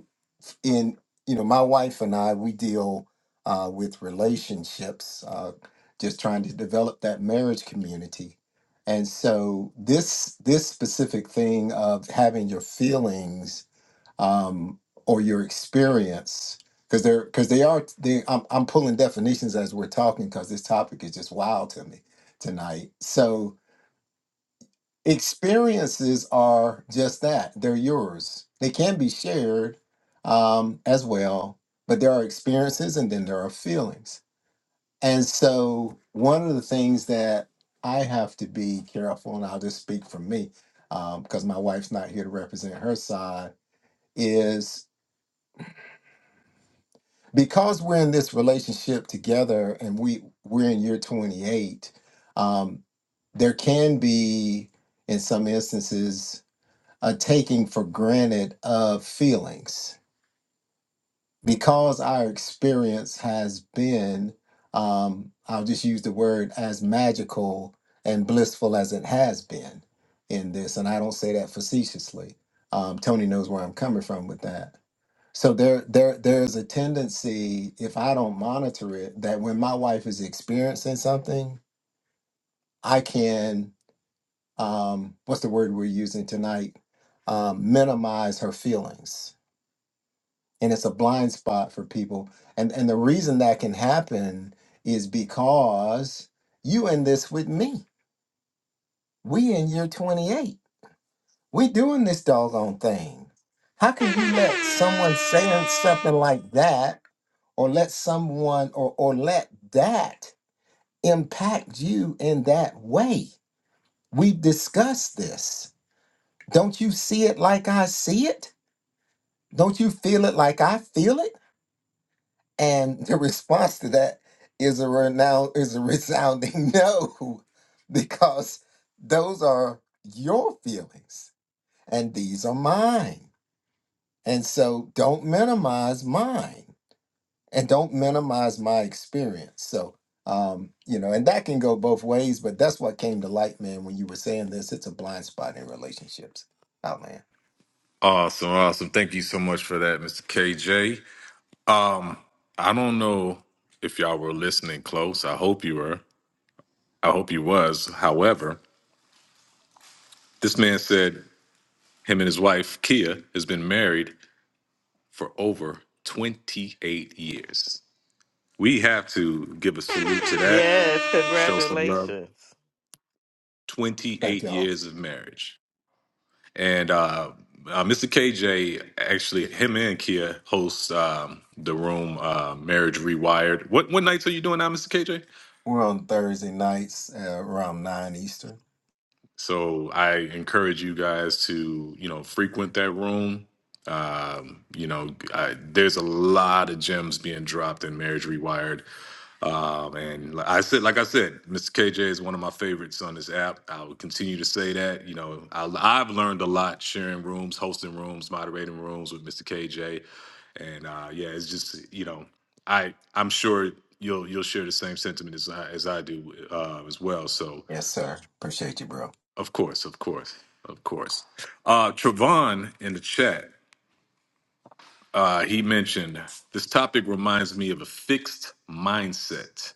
Speaker 6: in you know my wife and i we deal uh, with relationships uh, just trying to develop that marriage community and so this this specific thing of having your feelings um, or your experience because they're because they are they I'm, I'm pulling definitions as we're talking because this topic is just wild to me tonight so experiences are just that they're yours they can be shared um, as well but there are experiences and then there are feelings and so one of the things that i have to be careful and i'll just speak for me because my wife's not here to represent her side is because we're in this relationship together and we we're in year 28 um, there can be in some instances a taking for granted of feelings because our experience has been um, i'll just use the word as magical and blissful as it has been in this and i don't say that facetiously um, tony knows where i'm coming from with that so there there there's a tendency if i don't monitor it that when my wife is experiencing something i can um, what's the word we're using tonight um, minimize her feelings and it's a blind spot for people and and the reason that can happen is because you in this with me we in year 28 we doing this doggone thing how can you let someone say something like that or let someone or or let that impact you in that way we discussed this don't you see it like i see it don't you feel it like i feel it And the response to that is a renown is a resounding [LAUGHS] no, because those are your feelings and these are mine. And so don't minimize mine and don't minimize my experience. So um, you know, and that can go both ways, but that's what came to light, man, when you were saying this. It's a blind spot in relationships. Oh man.
Speaker 1: Awesome, awesome. Thank you so much for that, Mr. KJ. Um, I don't know if y'all were listening close. I hope you were. I hope you was. However, this man said him and his wife, Kia, has been married for over 28 years. We have to give a salute to that,
Speaker 7: Yes,
Speaker 1: show some love.
Speaker 7: congratulations.
Speaker 6: Thank
Speaker 1: 28
Speaker 6: y'all.
Speaker 1: years of marriage. And uh, uh, Mr. KJ, actually, him and Kia hosts um, the room uh, Marriage Rewired. What what nights are you doing now, Mr. KJ?
Speaker 6: We're on Thursday nights uh, around nine Eastern.
Speaker 1: So I encourage you guys to you know frequent that room. Um, you know, I, there's a lot of gems being dropped in Marriage Rewired Um, and li- I said, like I said, Mr. KJ is one of my favorites on this app. I will continue to say that. You know, I, I've learned a lot sharing rooms, hosting rooms, moderating rooms with Mr. KJ, and uh, yeah, it's just you know, I I'm sure you'll you'll share the same sentiment as I, as I do uh, as well. So
Speaker 6: Yes, sir. Appreciate you, bro.
Speaker 1: of course, of course, of course. Uh, Travon in the chat, uh, he mentioned this topic reminds me of a fixed mindset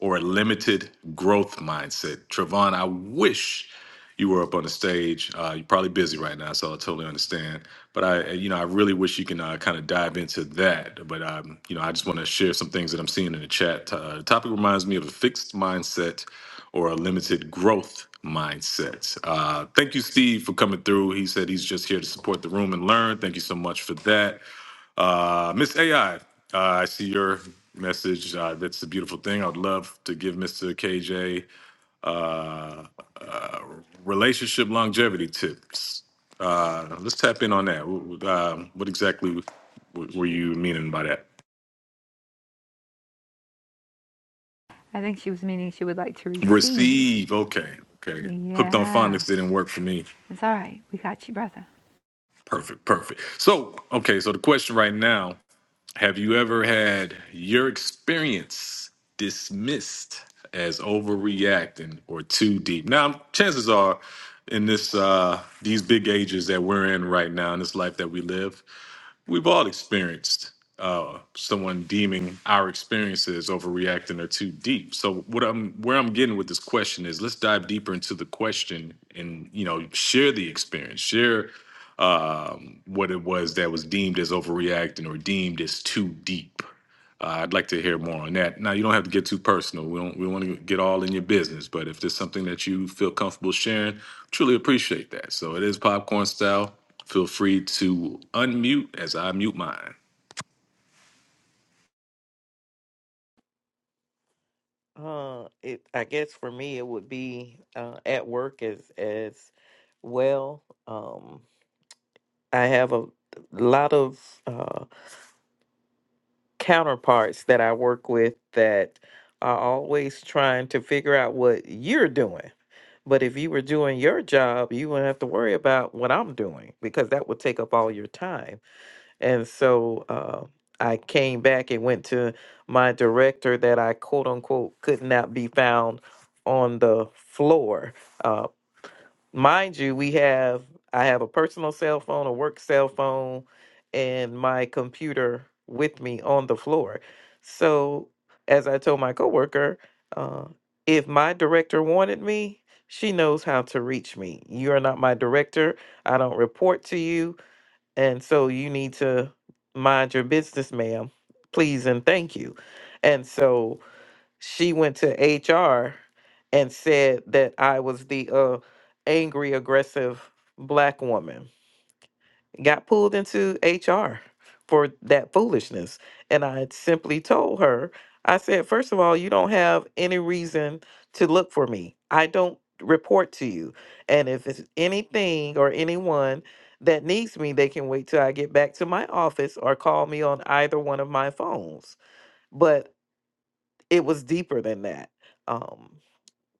Speaker 1: or a limited growth mindset. Trevon. I wish you were up on the stage. Uh, you're probably busy right now, so I totally understand. But I, you know, I really wish you can uh, kind of dive into that. But um, you know, I just want to share some things that I'm seeing in the chat. Uh, the topic reminds me of a fixed mindset or a limited growth mindset. Uh, thank you, Steve, for coming through. He said he's just here to support the room and learn. Thank you so much for that. Uh, Miss AI, uh, I see your message. Uh, that's a beautiful thing. I'd love to give Mr. KJ uh, uh, relationship longevity tips. Uh, let's tap in on that. W- w- Um, what exactly w- were you meaning by that?
Speaker 3: I think she was meaning she would like to receive.
Speaker 1: Receive. Okay. Okay. Hooked on
Speaker 3: Yeah.
Speaker 1: phonics didn't work for me.
Speaker 3: It's all right. We got you, brother.
Speaker 1: Perfect. Perfect. So, okay. So the question right now Have you ever had your experience dismissed as overreacting or too deep? Now, chances are in this uh these big ages that we're in right now in this life that we live, We've all experienced uh, someone deeming our experiences overreacting or too deep. So what I'm where I'm getting with this question is let's dive deeper into the question and you know share the experience, share um, what it was that was deemed as overreacting or deemed as too deep. Uh, I'd like to hear more on that. Now, you don't have to get too personal. We don't. We want to get all in your business, but if there's something that you feel comfortable sharing, truly appreciate that. So it is popcorn style. Feel free to unmute as I mute mine.
Speaker 7: Uh, it, I guess for me, it would be uh, at work as as well. Um, I have a lot of uh, counterparts that I work with that are always trying to figure out what you're doing. But if you were doing your job, you wouldn't have to worry about what I'm doing because that would take up all your time. And so uh, I came back and went to my director that I quote unquote could not be found on the floor uh, mind you, we have I have a personal cell phone, a work cell phone, and my computer with me on the floor. So, as I told my coworker, uh, if my director wanted me, she knows how to reach me. You are not my director. I don't report to you, and so you need to mind your business, ma'am. Please and thank you. And so she went to HR and said that I was the uh, angry, aggressive black woman. Got pulled into HR for that foolishness. And I had simply told her, I said, first of all, you don't have any reason to look for me. I don't report to you. And if it's anything or anyone that needs me, they can wait till I get back to my office or call me on either one of my phones. But it was deeper than that. Um,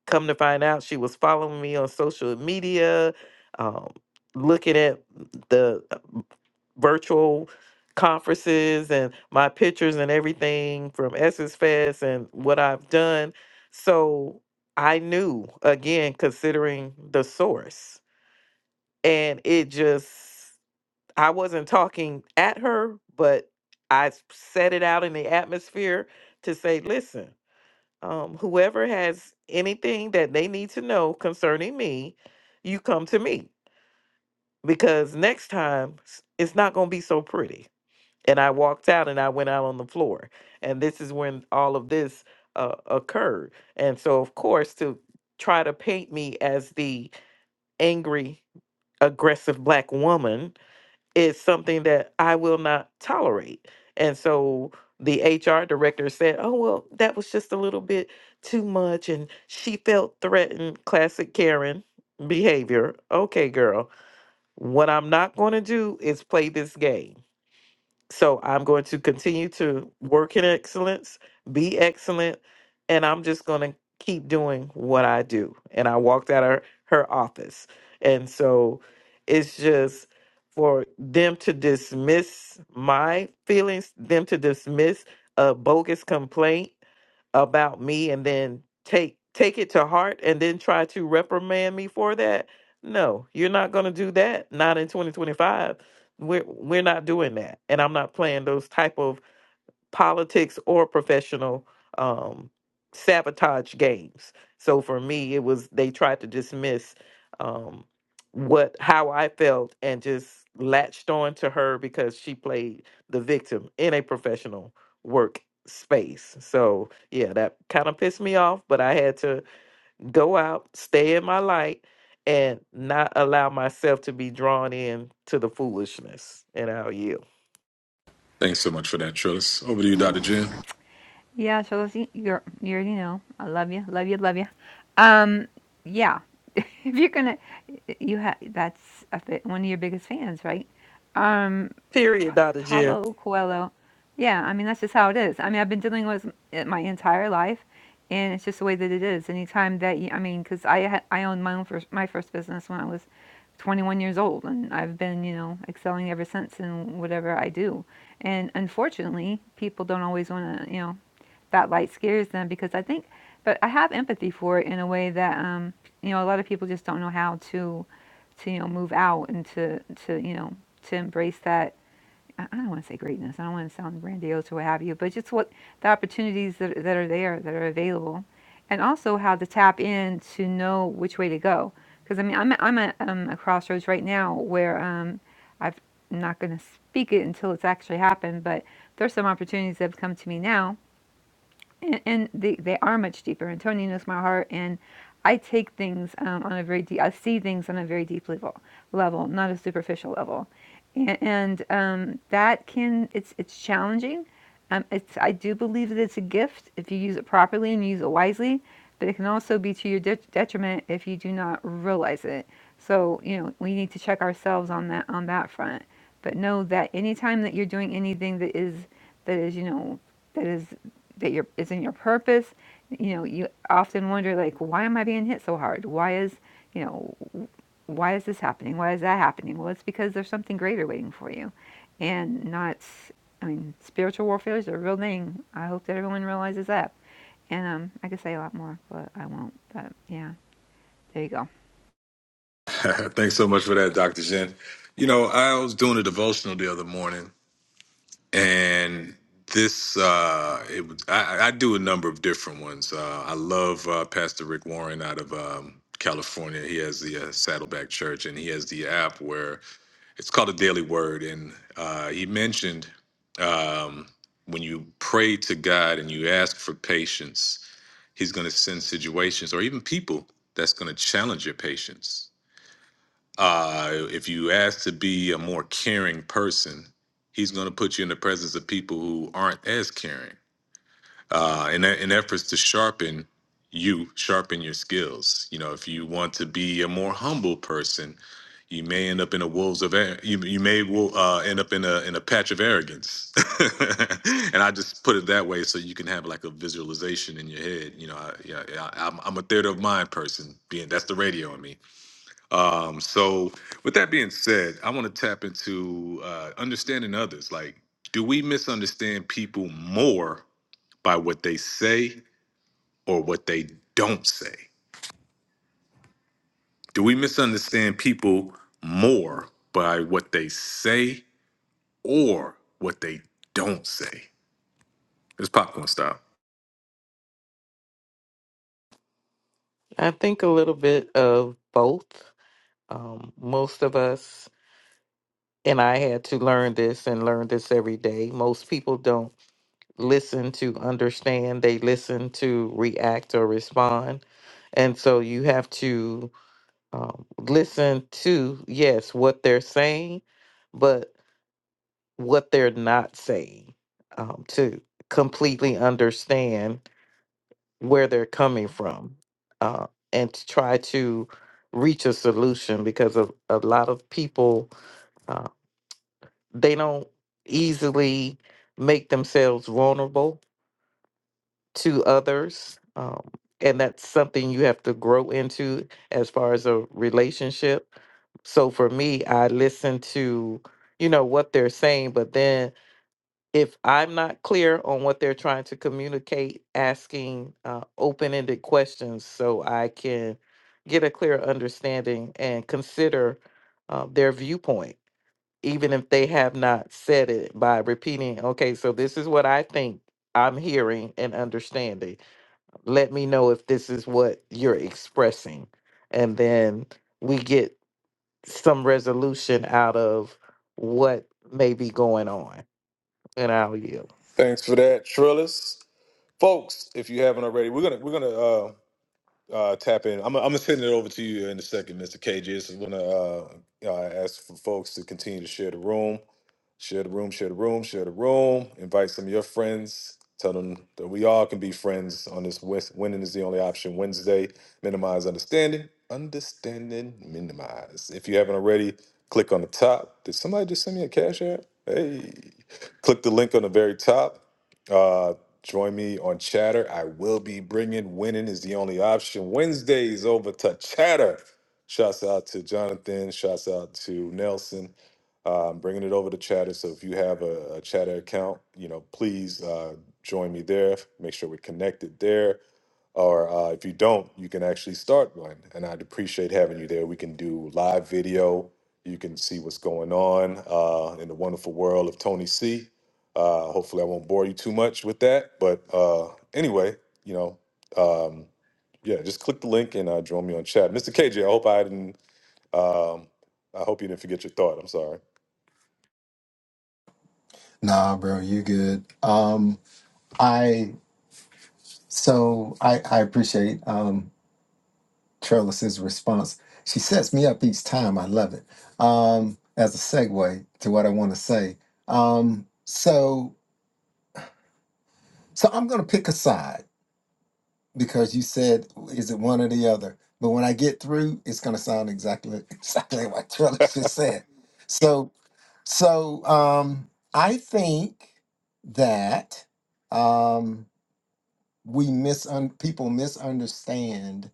Speaker 7: Come to find out, she was following me on social media, um, looking at the uh, virtual conferences and my pictures and everything from Essence Fest and what I've done. So I knew, again, considering the source. And it just, I wasn't talking at her, but I s- set it out in the atmosphere to say, listen um, whoever has anything that they need to know concerning me, you come to me because next time s- it's not going to be so pretty. And I walked out and I went out on the floor. And this is when all of this uh, occurred. And so, of course, to try to paint me as the angry, aggressive black woman is something that I will not tolerate. And so the HR director said, Oh, well, that was just a little bit too much. And she felt threatened. Classic Karen behavior. Okay, girl. What I'm not going to do is play this game. So I'm going to continue to work in excellence, be excellent, and I'm just going to keep doing what I do. And I walked out of her office. And so it's just for them to dismiss my feelings, them to dismiss a bogus complaint about me and then take take it to heart and then try to reprimand me for that. No, you're not going to do that. Not in 2025. We're we're not doing that, and I'm not playing those type of politics or professional um, sabotage games. So for me, it was they tried to dismiss um, what how I felt and just latched on to her because she played the victim in a professional work space. So yeah, that kind of pissed me off, but I had to go out, stay in my light, and not allow myself to be drawn in to the foolishness. And I'll yield.
Speaker 1: Thanks so much for that, Trillis. Over to you, Dr. Jen.
Speaker 3: Yeah, so let's eat. You're, you already know. I love you. Love you. Love you. Um, yeah. [LAUGHS] if you're going to, you have, that's a one of your biggest fans, right?
Speaker 7: Period,
Speaker 3: Pa-
Speaker 7: Dr. Jill.
Speaker 3: Paulo Coelho. Yeah, I mean that's just how it is. I mean I've been dealing with it my entire life, and it's just the way that it is. Anytime that you, I mean, because I had I owned my own first my first business when I was 21 years old, and I've been you know excelling ever since in whatever I do. And unfortunately, people don't always want to you know that light scares them because I think, but I have empathy for it in a way that um you know a lot of people just don't know how to to you know move out and to to you know to embrace that I don't want to say greatness. I don't want to sound grandiose or what have you, but just what the opportunities that, that are there, that are available, and also how to tap in to know which way to go. Because I mean, I'm I'm at um, a crossroads right now where um, I've, I'm not going to speak it until it's actually happened, but there's some opportunities that have come to me now and, and they, they are much deeper and tony knows my heart and i take things um, on a very deep i see things on a very deep level level not a superficial level and, and um, that can it's it's challenging um, it's i do believe that it's a gift if you use it properly and you use it wisely but it can also be to your de- detriment if you do not realize it so you know we need to check ourselves on that on that front but know that anytime that you're doing anything that is that is you know that is that your it's in your purpose. You know, you often wonder like, why am I being hit so hard? Why is you know, why is this happening? Why is that happening? Well, it's because there's something greater waiting for you, and not. I mean, spiritual warfare is a real thing. I hope that everyone realizes that. And um, I could say a lot more, but I won't. But yeah, there you go.
Speaker 1: [LAUGHS] Thanks so much for that, Dr. Jen. You know, I was doing a devotional the other morning, and this uh it was I, I do a number of different ones uh i love uh pastor rick warren out of um california he has the uh, saddleback church and he has the app where it's called a daily word and uh he mentioned um when you pray to god and you ask for patience he's going to send situations or even people that's going to challenge your patience uh, if you ask to be a more caring person, he's going to put you in the presence of people who aren't as caring. Uh, in, e- in efforts to sharpen you, sharpen your skills. You know, if you want to be a more humble person, you may end up in a wolves of ar- you, you may wo- uh, end up in a in a patch of arrogance [LAUGHS] and i just put it that way so you can have like a visualization in your head you know I, yeah, yeah, I'm, I'm a theater of mind person being that's the radio in me um, so, with that being said, I want to tap into uh, understanding others. Like, do we misunderstand people more by what they say or what they don't say? Do we misunderstand people more by what they say or what they don't say? It's popcorn style.
Speaker 7: I think a little bit of both. Um, most of us, and I had to learn this and learn this every day. Most people don't listen to understand, they listen to react or respond. And so you have to um, listen to, yes, what they're saying, but what they're not saying um, to completely understand where they're coming from uh, and to try to reach a solution because of a lot of people uh, they don't easily make themselves vulnerable to others um, and that's something you have to grow into as far as a relationship so for me i listen to you know what they're saying but then if I'm not clear on what they're trying to communicate, asking uh, open ended questions so I can get a clear understanding and consider uh, their viewpoint, even if they have not said it by repeating, okay, so this is what I think I'm hearing and understanding. Let me know if this is what you're expressing. And then we get some resolution out of what may be going on. And I'll yield.
Speaker 1: Thanks for that, Trillis. Folks, if you haven't already, we're gonna we're gonna uh, tap in. I'm, I'm gonna send it over to you in a second, Mr. KG. Just wanna uh, uh, ask for folks to continue to share the room, share the room, share the room, share the room. Invite some of your friends. Tell them that we all can be friends on this. Wes- Winning is the only option. Wednesday, minimize understanding, understanding, minimize. If you haven't already, click on the top. Did somebody just send me a cash app? Hey, click the link on the very top Uh, Join me on Chatter. I will be bringing Winning is the Only Option Wednesdays over to Chatter. Shouts out to Jonathan. Shouts out to Nelson. Um, bringing it over to Chatter. So if you have a, a Chatter account, you know, please uh, join me there. Make sure we're connected there. Or uh, if you don't, you can actually start one. And I'd appreciate having you there. We can do live video. You can see what's going on uh, in the wonderful world of Tony C uh, hopefully, I won't bore you too much with that. But uh, anyway, you know, um, yeah, just click the link and uh, join me on chat. Mr. KJ, I hope I didn't. Um, I hope you didn't forget your thought. I'm sorry.
Speaker 6: Nah, bro, you good. Um, I so I I appreciate um Trellis's response. She sets me up each time. I love it. Um, as a segue to what I want to say. Um, so so I'm gonna pick a side because you said is it one or the other? But when I get through, it's gonna sound exactly [LAUGHS] exactly like what
Speaker 1: [LAUGHS]
Speaker 6: Trellis just said. So so um I think that um we misun people misunderstand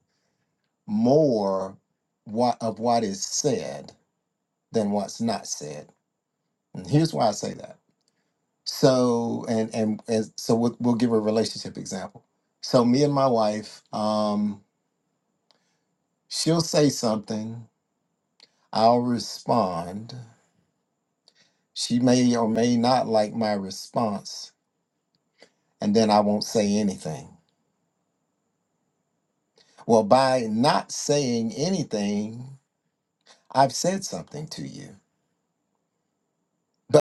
Speaker 6: more what of what is said than what's not said. And here's why I say that. So and and, and so we'll, we'll give a relationship example. So me and my wife, um, she'll say something, I'll respond. She may or may not like my response, and then I won't say anything. Well, by not saying anything, I've said something to you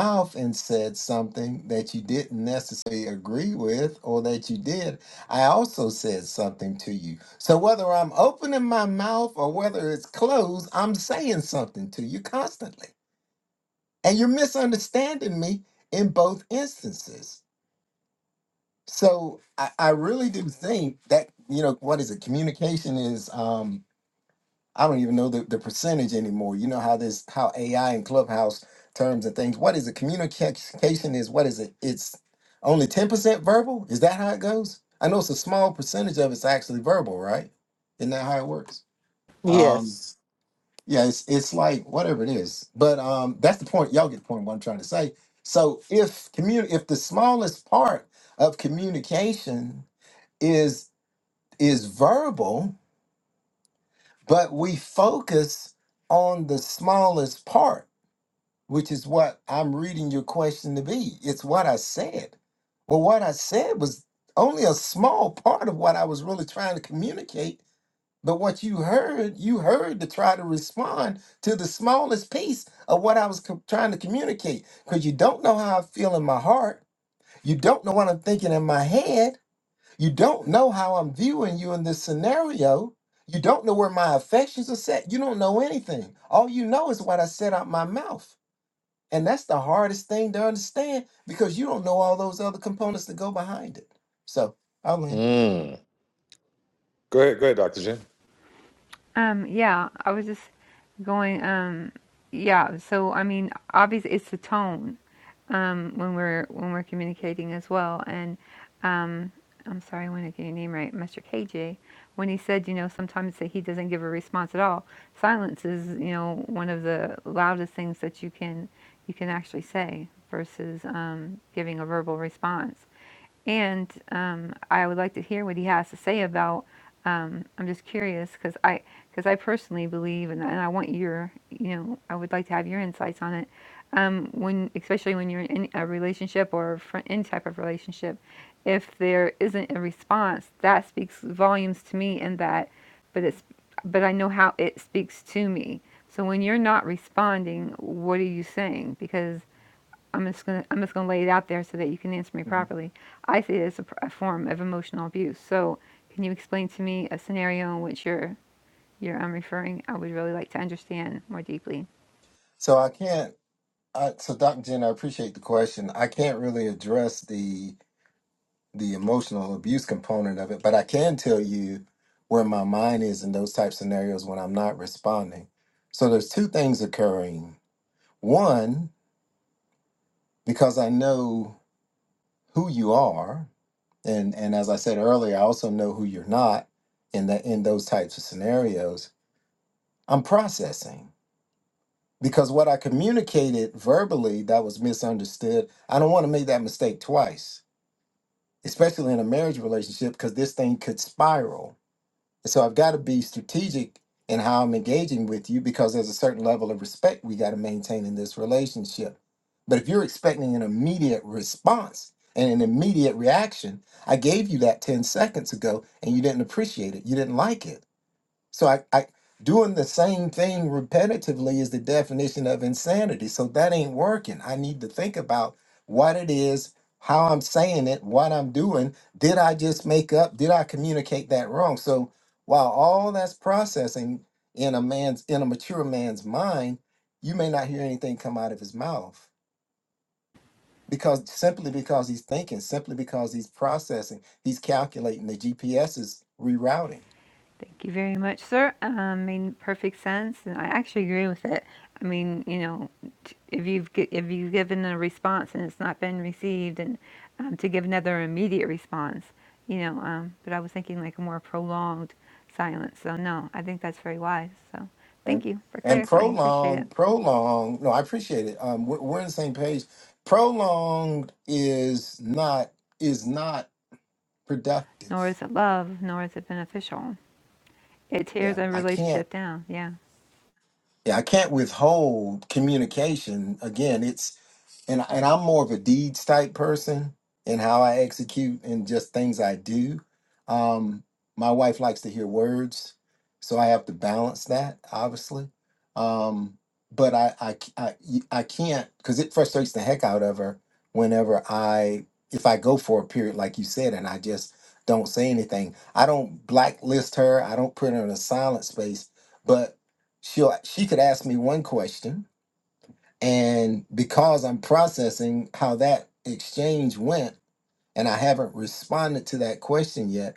Speaker 6: mouth and said something that you didn't necessarily agree with or that you did, I also said something to you. So whether I'm opening my mouth or whether it's closed, I'm saying something to you constantly. And you're misunderstanding me in both instances. So I, I really do think that, you know, what is it? Communication is um I don't even know the, the percentage anymore. You know how this how AI and Clubhouse terms and things. What is it? Communication is what is it? It's only 10% verbal? Is that how it goes? I know it's a small percentage of it's actually verbal, right? Isn't that how it works? Um
Speaker 7: Yes.
Speaker 6: yeah, it's it's like whatever it is. But um that's the point. Y'all get the point what I'm trying to say. So if commun if the smallest part of communication is is verbal, but we focus on the smallest part, which is what I'm reading your question to be. It's what I said. Well, what I said was only a small part of what I was really trying to communicate. But what you heard, you heard to try to respond to the smallest piece of what I was co- trying to communicate. Because you don't know how I feel in my heart. You don't know what I'm thinking in my head you don't know how I'm viewing you in this scenario. You don't know where my affections are set. You don't know anything. All you know is what I said out my mouth. And that's the hardest thing to understand because you don't know all those other components that go behind it. So I'll land.
Speaker 1: Mm. Go ahead, go ahead, Dr. Jen.
Speaker 3: Um, yeah, I was just going. Um, yeah, so I mean, obviously, it's the tone um, when we're when we're communicating as well, and um. I'm sorry, I want to get your name right, Mr. KJ, when he said, you know, sometimes that he doesn't give a response at all. Silence is, you know, one of the loudest things that you can you can actually say versus um, giving a verbal response. And um, I would like to hear what he has to say about. Um, I'm just curious because I because I personally believe, and, and I want your you know I would like to have your insights on it. Um, when especially when you're in a relationship or a fri- any type of relationship, if there isn't a response, that speaks volumes to me. And that, but it's but I know how it speaks to me. So when you're not responding, what are you saying? Because I'm just gonna I'm just gonna lay it out there so that you can answer me
Speaker 6: Mhm.
Speaker 3: properly. I see it as a, a form of emotional abuse. So, can you explain to me a scenario in which you're you're um, referring? I would really like to understand more deeply.
Speaker 6: So I can't. I, so Dr. Jen, I appreciate the question. I can't really address the the emotional abuse component of it, but I can tell you where my mind is in those type scenarios when I'm not responding. So there's two things occurring One, because I know who you are, and and as I said earlier, I also know who you're not in that in those types of scenarios. I'm processing because what I communicated verbally that was misunderstood. I don't want to make that mistake twice, especially in a marriage relationship, because this thing could spiral And So I've got to be strategic in how I'm engaging with you because there's a certain level of respect we got to maintain in this relationship. But if you're expecting an immediate response and an immediate reaction, I gave you that 10 seconds ago and you didn't appreciate it. You didn't like it so I, I doing the same thing repetitively is the definition of insanity. So that ain't working. I need to think about what it is, how I'm saying it, what I'm doing. Did I just make up? Did I communicate that wrong? So while all that's processing in a man's in a mature man's mind, you may not hear anything come out of his mouth because simply because he's thinking, simply because he's processing, he's calculating. The GPS is rerouting.
Speaker 3: Thank you very much, sir. I mean, perfect sense, and I actually agree with it. I mean, you know, t- if you've gi- if you've given a response and it's not been received, and um, to give another immediate response, you know. Um, but I was thinking like a more prolonged silence. So no, I think that's very wise. So thank
Speaker 6: And
Speaker 3: you for
Speaker 6: and
Speaker 3: clarifying. Appreciate it.
Speaker 6: prolonged, prolonged. No, I appreciate it. Um, we're, we're on the same page. Prolonged is not is not productive.
Speaker 3: Nor is it love, nor is it beneficial. It tears
Speaker 6: Yeah,
Speaker 3: a
Speaker 6: I can't.
Speaker 3: relationship down. Yeah,
Speaker 6: Yeah, I can't withhold communication. Again, and and I'm more of a deeds type person in how I execute and just things I do. Um, my wife likes to hear words, so I have to balance that, obviously. Um, but I I c- I, y- I can't because it frustrates the heck out of her whenever I if I go for a period like you said and I just don't say anything. I don't blacklist her. I don't put her in a silent space, but she'll she could ask me one question and because I'm processing how that exchange went, and I haven't responded to that question yet,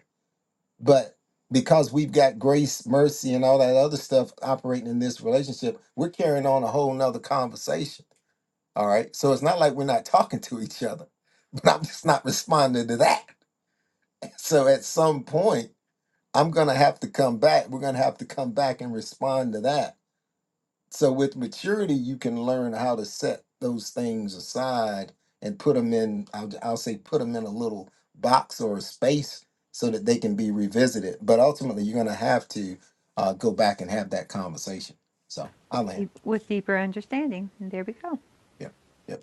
Speaker 6: but because we've got grace, mercy, and all that other stuff operating in this relationship, we're carrying on a whole nother conversation. All right. So it's not like we're not talking to each other, [LAUGHS] but I'm just not responding to that. So at some point, I'm going to have to come back. We're going to have to come back and respond to that So with maturity, you can learn how to set those things aside and put them in. I'll, I'll say put them in a little box or a space so that they can be revisited. But ultimately, you're going to have to uh, go back and have that conversation. So I
Speaker 3: with
Speaker 6: land.
Speaker 3: deep, with deeper understanding. And there we go.
Speaker 6: Yep. Yep.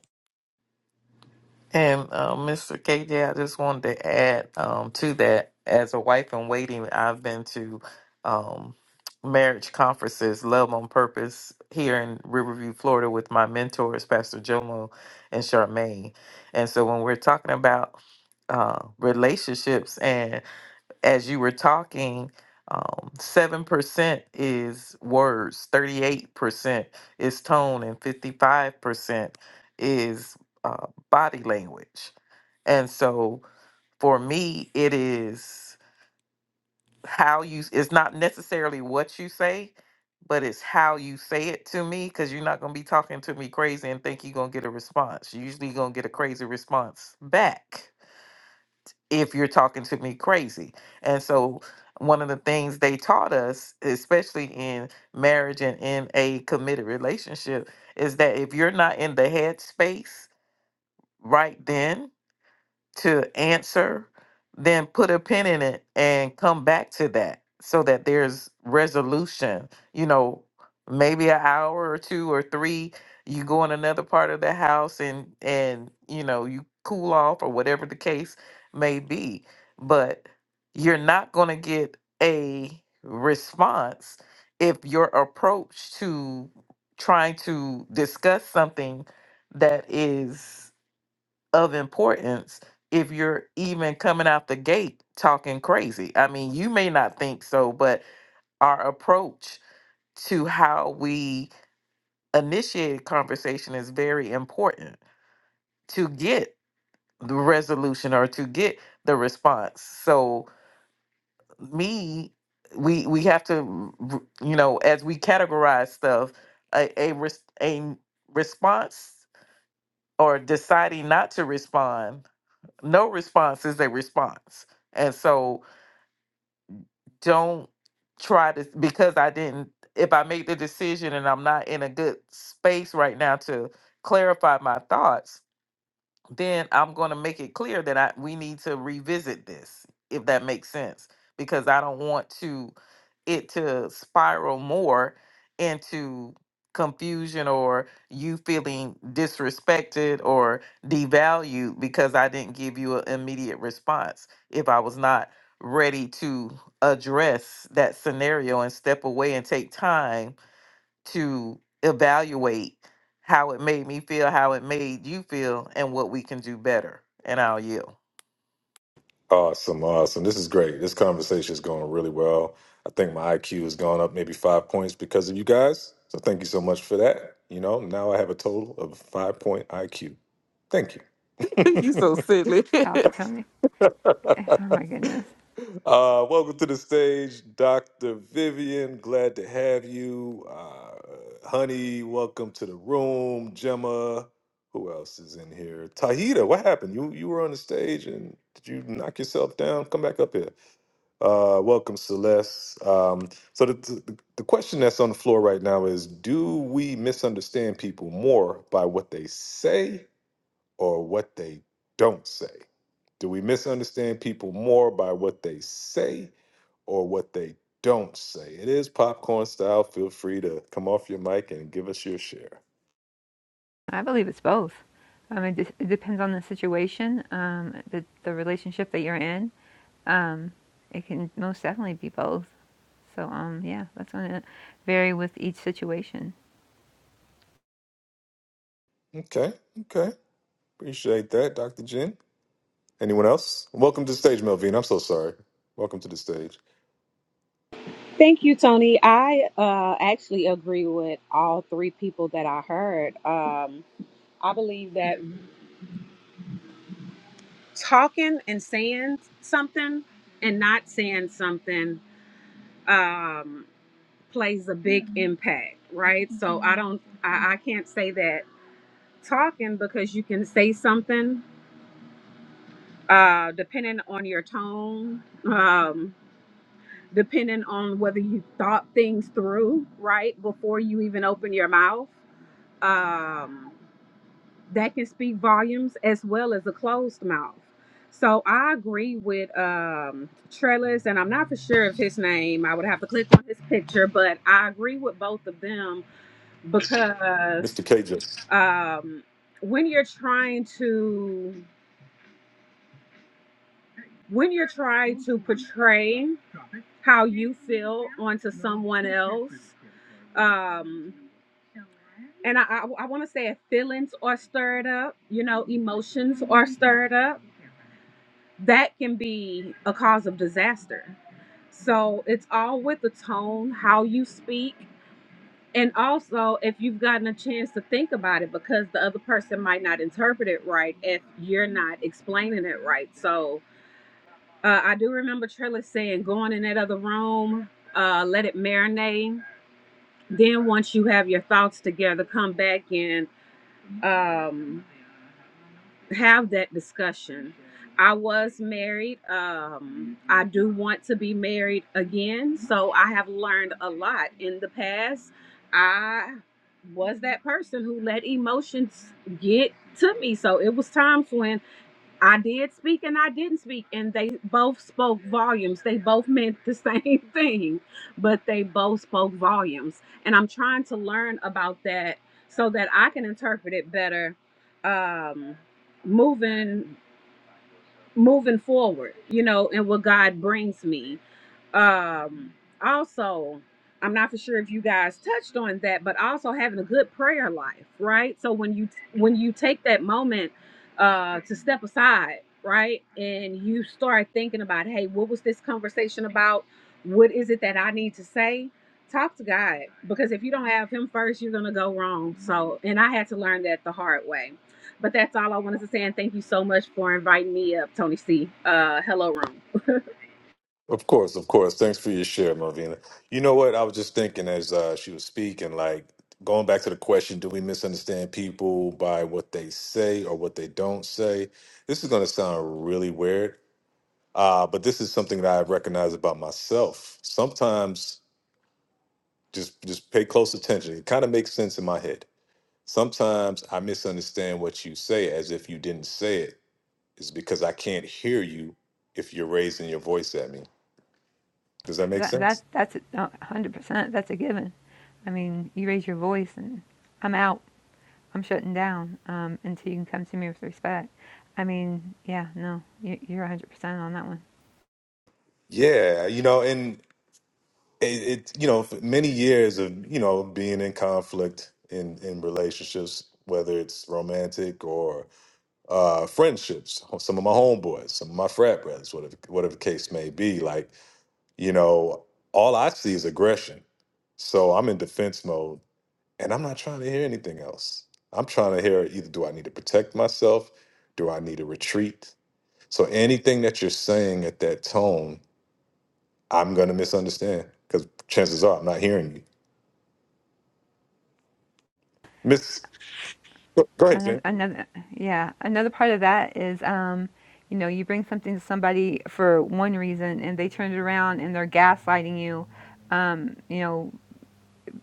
Speaker 7: And uh, Mr. KJ, I just wanted to add um, to that as a wife in waiting, I've been to um, marriage conferences, Love on Purpose, here in Riverview, Florida, with my mentors, Pastor Jomo and Charmaine. And so when we're talking about uh, relationships as you were talking, um, 7% is words, 38% is tone, and 55% is uh, body language. And so for me, it is how you, it's not necessarily what you say, but it's how you say it to me because you're not going to be talking to me crazy and think you're going to get a response. You're usually going to get a crazy response back if you're talking to me crazy. And so one of the things they taught us, especially in marriage and in a committed relationship, is that if you're not in the headspace right then to answer, then put a pin in it and come back to that so that there's resolution. You know, maybe an hour or two or three, you go in another part of the house and and you know, you cool off or whatever the case may be. But you're not going to get a response if your approach to trying to discuss something that is of importance if you're even coming out the gate talking crazy. I mean, you may not think so, but our approach to how we initiate a conversation is very important to get the resolution or to get the response. So, me we we have to r- you know as we categorize stuff a a, res- a response or deciding not to respond no response is a response. And so don't try to because I didn't if I make the decision and I'm not in a good space right now to clarify my thoughts, then I'm going to make it clear that I we need to revisit this if that makes sense because I don't want to it to spiral more into confusion or you feeling disrespected or devalued because I didn't give you an immediate response if I was not ready to address that scenario and step away and take time to evaluate how it made me feel, how it made you feel, and what we can do better. And I'll yield.
Speaker 1: Awesome, awesome. This is great. This conversation is going really well. I think my IQ has gone up maybe five points because of you guys. So thank you so much for that. You know, now I have a total of a five point IQ. Thank you.
Speaker 7: [LAUGHS] you so silly.
Speaker 3: That's all
Speaker 7: [LAUGHS]
Speaker 3: for Tony. [LAUGHS] Oh
Speaker 1: [LAUGHS]
Speaker 3: my goodness.
Speaker 1: Uh, welcome to the stage, Dr. Vivian. Glad to have you. Uh, honey, welcome to the room. Gemma, who else is in here? Tahita, what happened? You you were on the stage and did you knock yourself down? Come back up here. Uh, welcome, Celeste. Um, so the, the the question that's on the floor right now is: Do we misunderstand people more by what they say or what they don't say? Do we misunderstand people more by what they say or what they don't say? It is popcorn style. Feel free to come off your mic and give us your share.
Speaker 3: I believe it's both. Um, it, it depends on the situation, um, the the relationship that you're in. Um, it can most definitely be both. So um, yeah, that's going to vary with each situation.
Speaker 1: Okay, okay. Appreciate that, Dr. Jen. Anyone else? Welcome to the stage, Melvin. I'm so sorry. Welcome to the stage.
Speaker 8: Thank you, Tony. I uh, actually agree with all three people that I heard. Um, I believe that talking and saying something and not saying something um, plays a big impact, right? So I don't, I, I can't say that talking because you can say something uh, depending on your tone, um, depending on whether you thought things through, right, before you even open your mouth. Um, that can speak volumes as well as a closed mouth. So I agree with um, Trellis, and I'm not for sure of his name. I would have to click on his picture, but I agree with both of them because
Speaker 1: Mr. KJ.
Speaker 8: um, when you're trying to when you're trying to portray how you feel onto someone else, um, and I, I, I want to say if feelings are stirred up, you know, emotions are stirred up that can be a cause of disaster. So it's all with the tone, how you speak, and also if you've gotten a chance to think about it because the other person might not interpret it right if you're not explaining it right. So uh, I do remember Trellis saying, going in that other room, uh, let it marinate. Then once you have your thoughts together, come back and um, have that discussion. I was married. Um, I do want to be married again. So I have learned a lot in the past. I was that person who let emotions get to me. So it was times when I did speak and I didn't speak, and they both spoke volumes. They both meant the [LAUGHS] same thing, but they both spoke volumes. And I'm trying to learn about that so that I can interpret it better. Um, moving moving forward, you know, and what God brings me. Um, also, I'm not for sure if you guys touched on that, but also having a good prayer life, right? So when you when you take that moment uh, to step aside, right, and you start thinking about, hey, what was this conversation about? What is it that I need to say? Talk to God because if you don't have Him first, you're gonna go wrong. So, and I had to learn that the hard way but that's all I wanted to say. And thank you so much for inviting me up, Tony C. Uh, hello, room. [LAUGHS]
Speaker 1: Of course, of course. Thanks for your share, Melvina. You know what? I was just thinking as uh, she was speaking, like going back to the question do we misunderstand people by what they say or what they don't say? This is going to sound really weird, uh, but this is something that I recognize about myself. Sometimes, just, just pay close attention. It kind of makes sense in my head. Sometimes I misunderstand what you say as if you didn't say it. It's because I can't hear you if you're raising your voice at me. Does that make
Speaker 3: That
Speaker 1: sense?
Speaker 3: that that's one hundred percent. That's a given. I mean, you raise your voice, and I'm out. I'm shutting down um, until you can come to me with respect. I mean, yeah, no, you, you're 100% on that one.
Speaker 1: Yeah, you know, and it, it you know, for many years of, you know, being in conflict in in relationships, whether it's romantic or uh friendships, some of my homeboys, some of my frat brothers, whatever whatever the case may be, like, you know, all I see is aggression. So I'm in defense mode and I'm not trying to hear anything else. I'm trying to hear either do I need to protect myself? Do I need to retreat? So anything that you're saying at that tone I'm going to misunderstand because chances are I'm not hearing you. Miss, go go ahead,
Speaker 3: another,
Speaker 1: Jen.
Speaker 3: another yeah another part of that is um you know you bring something to somebody for one reason and they turn it around and they're gaslighting you um you know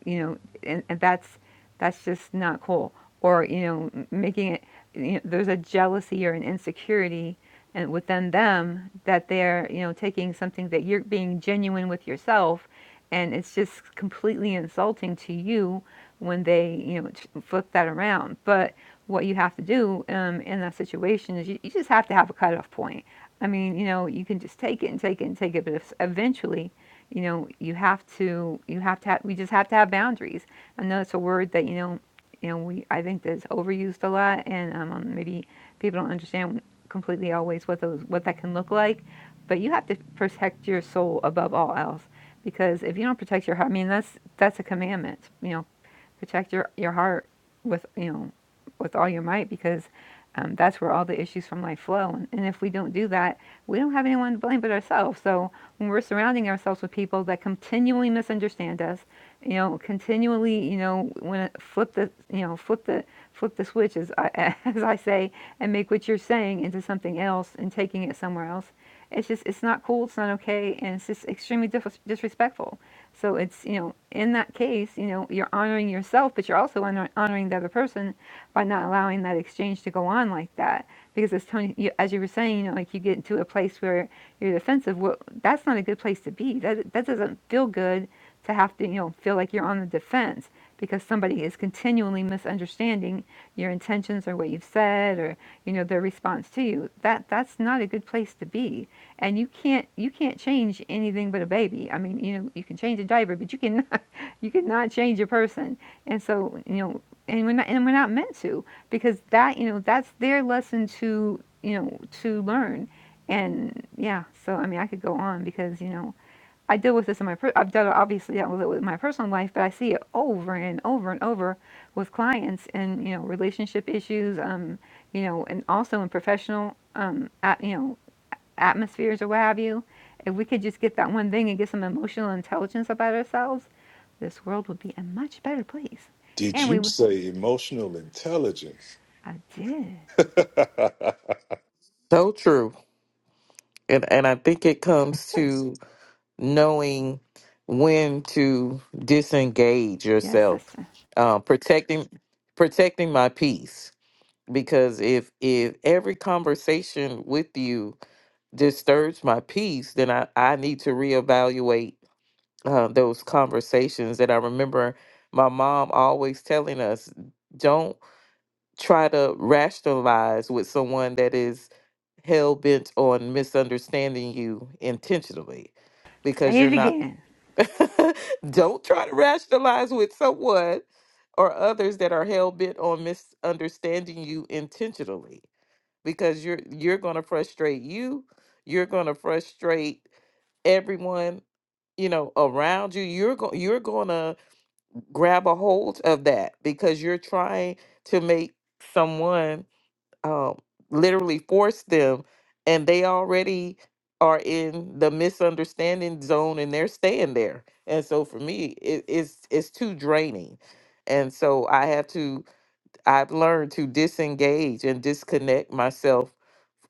Speaker 3: you know, and, and that's that's just not cool. Or you know, making it you know, there's a jealousy or an insecurity and within them that they're you know taking something that you're being genuine with yourself, and it's just completely insulting to you when they you know t- flip that around. But what you have to do um, in that situation is you, you just have to have a cutoff point. I mean, you know, you can just take it and take it and take it, but if, eventually you know, you have to, you have to, have, we just have to have boundaries. I know it's a word that you know, you know, we I think that's overused a lot, and um, um, maybe people don't understand completely always what those what that can look like. But you have to protect your soul above all else, because if you don't protect your heart, I mean, that's that's a commandment. You know, protect your your heart with you know with all your might, because um, that's where all the issues from life flow. And, and if we don't do that, we don't have anyone to blame but ourselves. So when we're surrounding ourselves with people that continually misunderstand us, you know, continually, you know, when it- flip the, you know, flip the, flip the switch, as I, [LAUGHS] as I say, and make what you're saying into something else and taking it somewhere else. It's just, it's not cool. It's not okay, and it's just extremely dis- disrespectful. So it's, you know, in that case, you know, you're honoring yourself, but you're also honor- honoring the other person by not allowing that exchange to go on like that. Because as Tony, you, as you were saying, you know, like you get into a place where your defensive, well, that's not a good place to be. That that doesn't feel good to have to, you know, feel like you're on the defense because somebody is continually misunderstanding your intentions or what you've said or you know their response to you. That that's not a good place to be. And you can't you can't change anything but a baby. I mean, you know, you can change a diaper, but you cannot [LAUGHS] you cannot change a person. And so, you know, and we're not and we're not meant to because that you know that's their lesson to you know, to learn. And yeah, so I mean, I could go on because, you know, I deal with this in my, per- I've dealt obviously dealt with it with my personal life, but I see it over and over and over with clients and, you know, relationship issues, um, you know, and also in professional, um, at, you know, atmospheres or what have you. If we could just get that one thing and get some emotional intelligence about ourselves, this world would be a much better place.
Speaker 1: Did
Speaker 3: And we,
Speaker 1: you
Speaker 3: w-
Speaker 1: say emotional intelligence?
Speaker 3: I did.
Speaker 1: [LAUGHS] so
Speaker 7: so true. And and I think it comes to knowing when to disengage
Speaker 3: Yes,
Speaker 7: yourself.
Speaker 3: sister.
Speaker 7: Um, protecting protecting my peace. Because if if every conversation with you disturbs my peace, then I, I need to reevaluate uh, those conversations that I remember my mom always telling us don't try to rationalize with someone that is hell bent on misunderstanding you intentionally because
Speaker 3: Say
Speaker 7: you're
Speaker 3: it
Speaker 7: not.
Speaker 3: again.
Speaker 7: [LAUGHS] don't try to rationalize with someone or others that are hell bent on misunderstanding you intentionally because you're you're going to frustrate you you're going to frustrate everyone you know around you you're going you're going to grab a hold of that because you're trying to make someone um literally force them and they already are in the misunderstanding zone and they're staying there and so for me it, it's it's too draining and so i have to i've learned to disengage and disconnect myself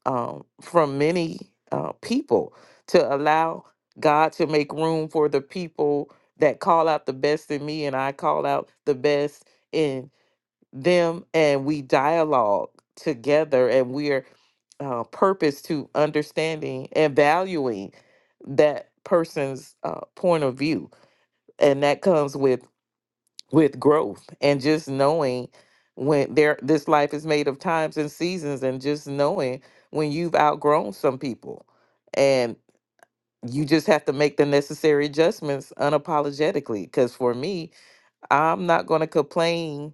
Speaker 7: um, from many uh, people to allow God to make room for the people that call out the best in me and I call out the best in them. And we dialogue together and we're uh, purpose to understanding and valuing that person's uh, point of view. And that comes with with growth and just knowing when there this life is made of times and seasons and just knowing when you've outgrown some people and you just have to make the necessary adjustments unapologetically because for me i'm not going to complain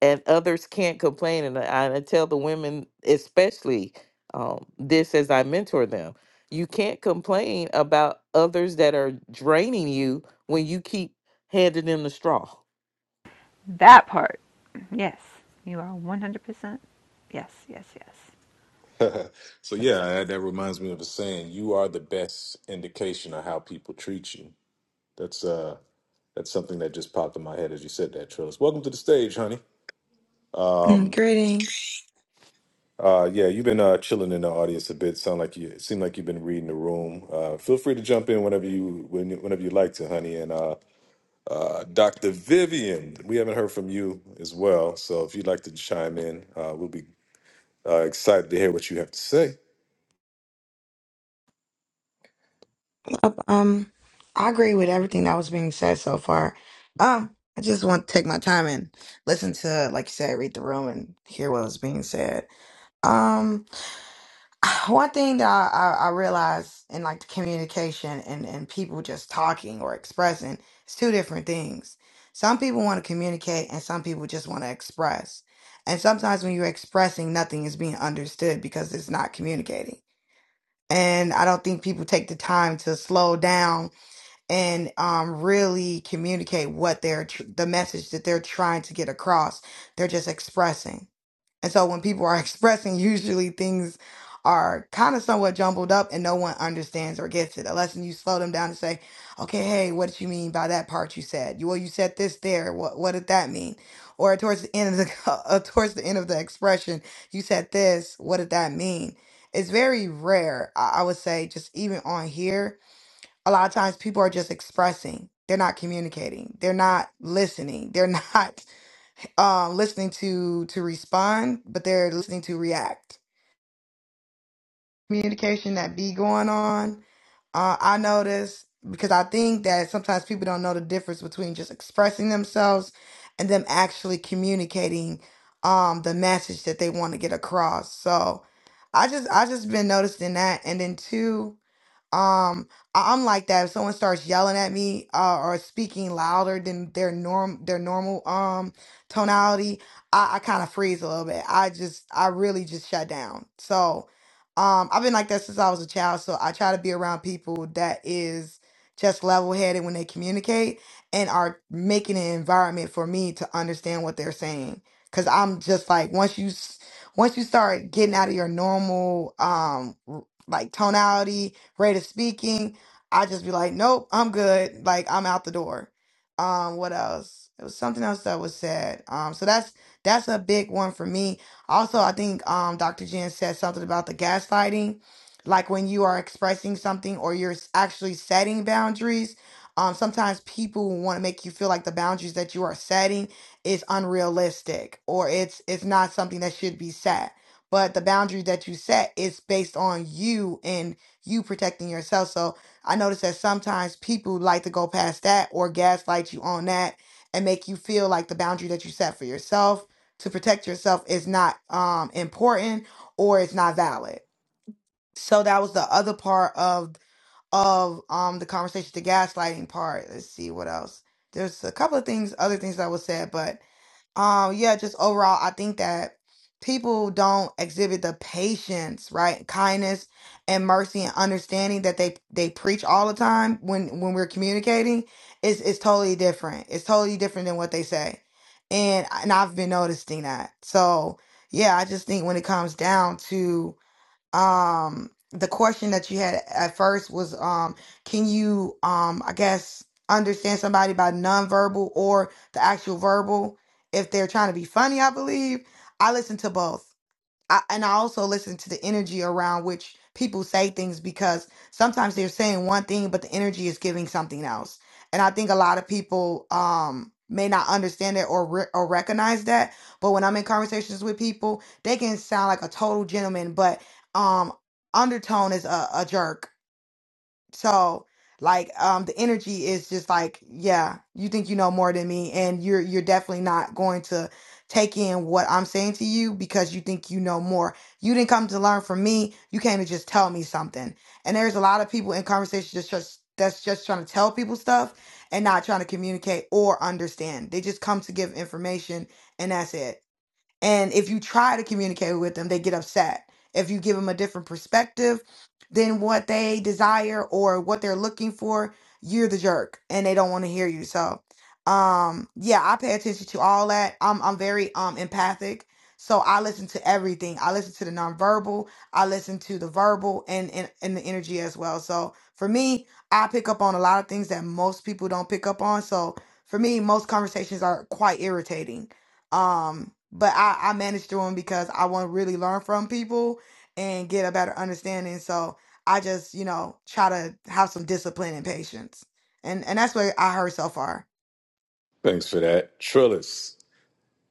Speaker 7: and others can't complain and I, I tell the women especially um, this as i mentor them you can't complain about others that are draining you when you keep handing them the straw
Speaker 3: That part. Yes, you are 100%. Yes, yes, yes.
Speaker 1: yeah, that that reminds me of a saying: "You are the best indication of how people treat you." That's uh, that's something that just popped in my head as you said that, Trillis. Welcome to the stage, honey.
Speaker 9: [CLEARS THROAT] Mm,
Speaker 1: Um,
Speaker 9: Greetings.
Speaker 1: uh, yeah, you've been uh, chilling in the audience a bit. Sound like you it seem like you've been reading the room. Uh, feel free to jump in whenever you when, whenever you like to, honey. And uh, Uh, Dr. Vivian, we haven't heard from you as well. So if you'd like to chime in, uh, we'll be uh, excited to hear what you have to say.
Speaker 9: Uh, Um, I agree with everything that was being said so far. Um, I just want to take my time and listen to, like you said, read the room and hear what was being said. Um, [SIGHS] one thing that I, I, I realized in like the communication and, and people just talking or expressing, it's two different things. Some people want to communicate and some people just want to express. And sometimes when you're expressing, nothing is being understood because it's not communicating and I don't think people take the time to slow down and um, really communicate what they're tr- the message that they're trying to get across. They're just expressing. And so when people are [LAUGHS] expressing, usually things are kind of somewhat jumbled up and no one understands or gets it. Unless you slow them down and say, okay, hey, what did you mean by that part you said? You- Well, you said this there. What, what did that mean? Or towards the end of the [LAUGHS] uh, towards the end of the expression, you said this. What did that mean? It's very rare, I I would say, just even on here. A lot of times people are just expressing. They're not communicating. They're not listening. They're not [LAUGHS] um, listening to to respond, but they're listening to react. Communication that be going on. Uh, I notice because I think that sometimes people don't know the difference between just expressing themselves and them actually communicating um, the message that they want to get across. So I just I just been noticing that, and then two. Um, I- I'm like that. If someone starts yelling at me uh, or speaking louder than their norm, their normal um tonality, I, I kind of freeze a little bit. I just, I really just shut down. So, um, I've been like that since I was a child. So I try to be around people that is just level headed when they communicate and are making an environment for me to understand what they're saying. Cause I'm just like once you, s- once you start getting out of your normal um r- like tonality great at speaking. I just be like, nope, I'm good. Like I'm out the door. Um, what else? It was something else that was said. Um, so that's that's a big one for me. Also, I think um Dr. Jen said something about the gaslighting, like when you are expressing something or you're s- actually setting boundaries. Um, sometimes people want to make you feel like the boundaries that you are setting is unrealistic or it's it's not something that should be set but the boundary that you set is based on you and you protecting yourself. So I notice that sometimes people like to go past that or gaslight you on that and make you feel like the boundary that you set for yourself to protect yourself is not um important or it's not valid. So that was the other part of of um the conversation, the gaslighting part. Let's see what else. There's a couple of things, other things that was said, but um, yeah, just overall, I think that people don't exhibit the patience, right, kindness and mercy and understanding that they they preach all the time when when we're communicating it's it's totally different. It's totally different than what they say, and and I've been noticing that. So yeah, I just think when it comes down to um the question that you had at first was um can you um I guess understand somebody by nonverbal or the actual verbal if they're trying to be funny, I believe. I listen to both. I, and I also listen to the energy around which people say things because sometimes they're saying one thing, but the energy is giving something else. And I think a lot of people um, may not understand that or re- or recognize that. But when I'm in conversations with people, they can sound like a total gentleman, but um, undertone is a, a jerk so like um the energy is just like, yeah, you think you know more than me and you're you're definitely not going to take in what I'm saying to you because you think you know more. You didn't come to learn from me. You came to just tell me something. And there's a lot of people in conversations just, just that's just trying to tell people stuff and not trying to communicate or understand. They just come to give information and that's it. And if you try to communicate with them, they get upset. If you give them a different perspective than what they desire or what they're looking for, you're the jerk and they don't want to hear you. So, um, yeah, I pay attention to all that. I'm I'm very um empathic. So I listen to everything. I listen to the nonverbal, I listen to the verbal and, and and the energy as well. So for me, I pick up on a lot of things that most people don't pick up on. So for me, most conversations are quite irritating um, but I, I managed through them because I want to really learn from people and get a better understanding. So I just, you know, try to have some discipline and patience. And and that's what I heard so far.
Speaker 1: Thanks for that. Trillis,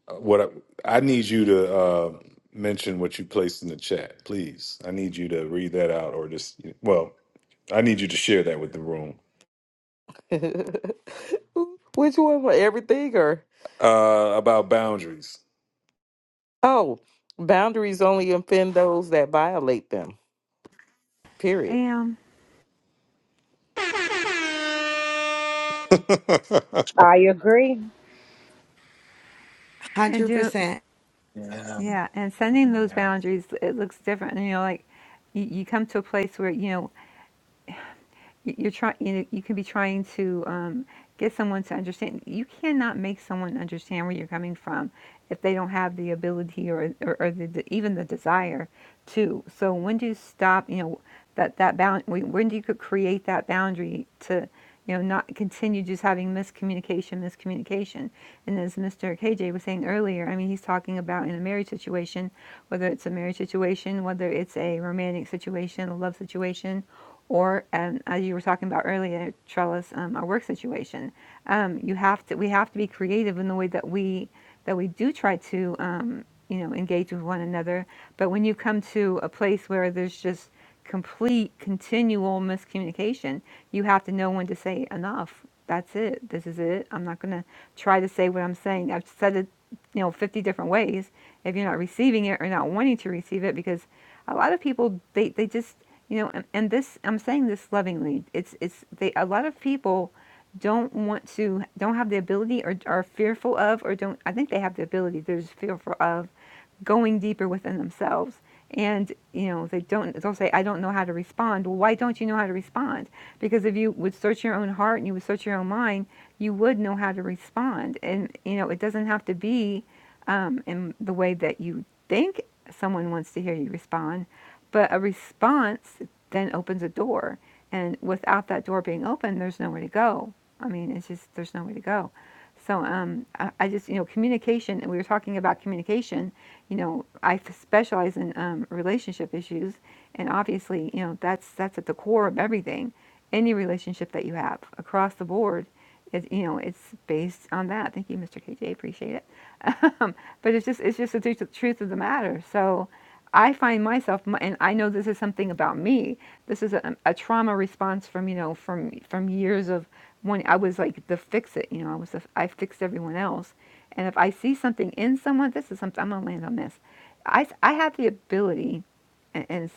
Speaker 1: uh, what I, I need you to uh, mention what you placed in the chat, please. I need you to read that out or just, well, I need you to share that with the room
Speaker 7: [LAUGHS] Which one? for Everything or
Speaker 1: uh, about boundaries.
Speaker 7: oh, boundaries only offend those that violate them. Period.
Speaker 3: Um,
Speaker 1: [LAUGHS]
Speaker 8: Your girl,
Speaker 3: and
Speaker 9: Hundred
Speaker 3: you,
Speaker 9: percent.
Speaker 6: Yeah,
Speaker 3: yeah, and sending those
Speaker 6: yeah.
Speaker 3: boundaries, it looks different. And, you know, like you, you come to a place where, you know, you- you're trying you, know, you can be trying to um, get someone to understand you cannot make someone understand where you're coming from if they don't have the ability or, or, or the, the, even the desire to so when do you stop you know that that bound when when do you could create that boundary to you know not continue just having miscommunication miscommunication and as mr kj was saying earlier i mean he's talking about in a marriage situation whether it's a marriage situation whether it's a romantic situation a love situation or um, as you were talking about earlier, Trellis, um, our work situation. Um, you have to we have to be creative in the way that we that we do try to um, you know engage with one another. But when you come to a place where there's just complete continual miscommunication, you have to know when to say enough. That's it. This is it. I'm not going to try to say what I'm saying. I've said it, you know, 50 different ways. If you're not receiving it or not wanting to receive it, because a lot of people they, they just you know and, and this i'm saying this lovingly it's it's they a lot of people don't want to don't have the ability or are fearful of or don't i think they have the ability they're just fearful of going deeper within themselves and you know they don't they'll say i don't know how to respond well why don't you know how to respond because if you would search your own heart and you would search your own mind you would know how to respond and you know it doesn't have to be um, in the way that you think someone wants to hear you respond but a response then opens a door. And without that door being open, there's nowhere to go. I mean, it's just, there's nowhere to go. So um, I, I just, you know, communication, and we were talking about communication. You know, I specialize in um, relationship issues. And obviously, you know, that's, that's at the core of everything. Any relationship that you have across the board, it, you know, it's based on that. Thank you, Mr. KJ. Appreciate it. Um, but it's just it's just the truth, truth of the matter. So I find myself, and I know this is something about me. This is a, a trauma response from you know from from years of when I was like the fix it. You know, I was the, I fixed everyone else, and if I see something in someone, this is something I'm gonna land on this. I I have the ability and, and it's,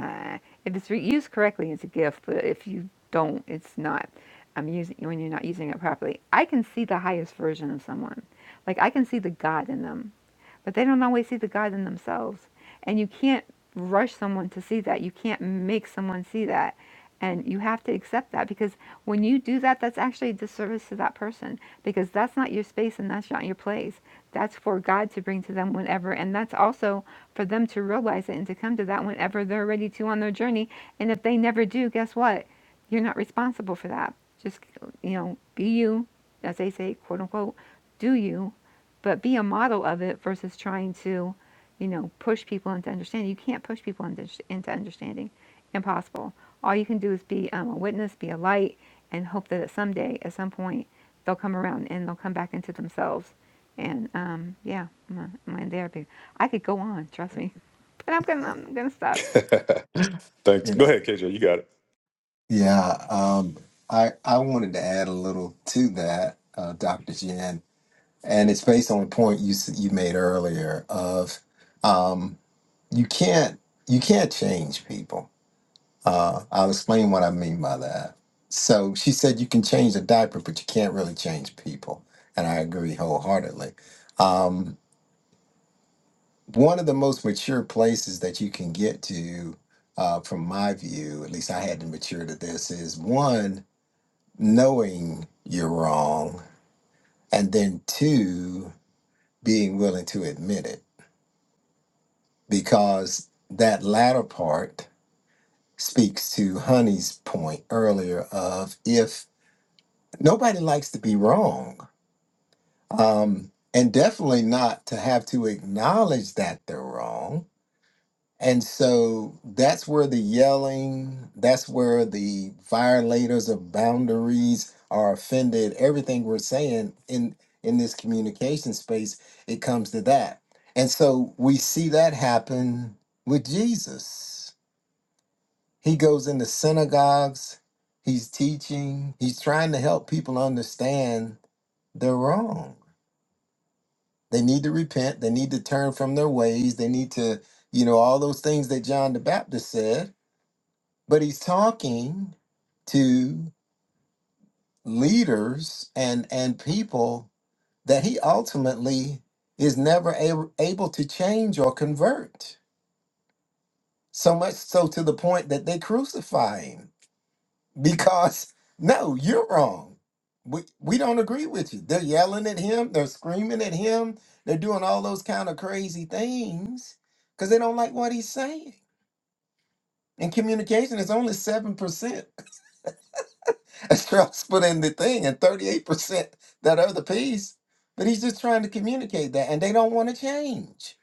Speaker 3: uh, if it's re- used correctly, it's a gift. But if you don't, it's not. I'm using when you're not using it properly. I can see the highest version of someone. Like I can see the God in them but they don't always see the God in themselves. And you can't rush someone to see that. You can't make someone see that. And you have to accept that because when you do that, that's actually a disservice to that person because that's not your space and that's not your place. That's for God to bring to them whenever. And that's also for them to realize it and to come to that whenever they're ready to on their journey. And if they never do, guess what? You're not responsible for that. Just, you know, be you, as they say, quote unquote, do you but be a model of it versus trying to, you know, push people into understanding. You can't push people into, into understanding. Impossible. All you can do is be um, a witness, be a light, and hope that at someday, at some point, they'll come around and they'll come back into themselves. And um, yeah, I'm, I'm in therapy. I could go on, trust me, [LAUGHS] but I'm gonna, I'm gonna stop.
Speaker 1: Thanks.
Speaker 6: You
Speaker 1: Go
Speaker 6: know.
Speaker 1: ahead, KJ. You got it.
Speaker 6: Yeah, um, I I wanted to add a little to that, uh, Dr. Jen, and it's based on a point you s- you made earlier of um. you can't you can't change people. Uh, I'll explain what I mean by that. So she said you can change the diaper, but you can't really change people, and I agree wholeheartedly. Um, one of the most mature places that you can get to, uh, from my view, at least I had to mature to this, is one knowing you're wrong, and then two being willing to admit it, because that latter part speaks to Honey's point earlier of if nobody likes to be wrong, um, and definitely not to have to acknowledge that they're wrong. And so that's where the yelling, that's where the violators of boundaries are offended. Everything we're saying in in this communication space, it comes to that. And so we see that happen with Jesus. He goes into synagogues, he's teaching, he's trying to help people understand they're wrong. They need to repent, they need to turn from their ways, they need to, you know, all those things that John the Baptist said. But he's talking to leaders and and people that he ultimately is never able, able to change or convert. So much so to the point that they crucify him because no, you're wrong. We we don't agree with you. They're yelling at him, they're screaming at him, they're doing all those kind of crazy things because they don't like what he's saying. And communication is only seven percent [LAUGHS] as Charles put in the thing, and thirty-eight percent that other piece. But he's just trying to communicate that, and they don't want to change.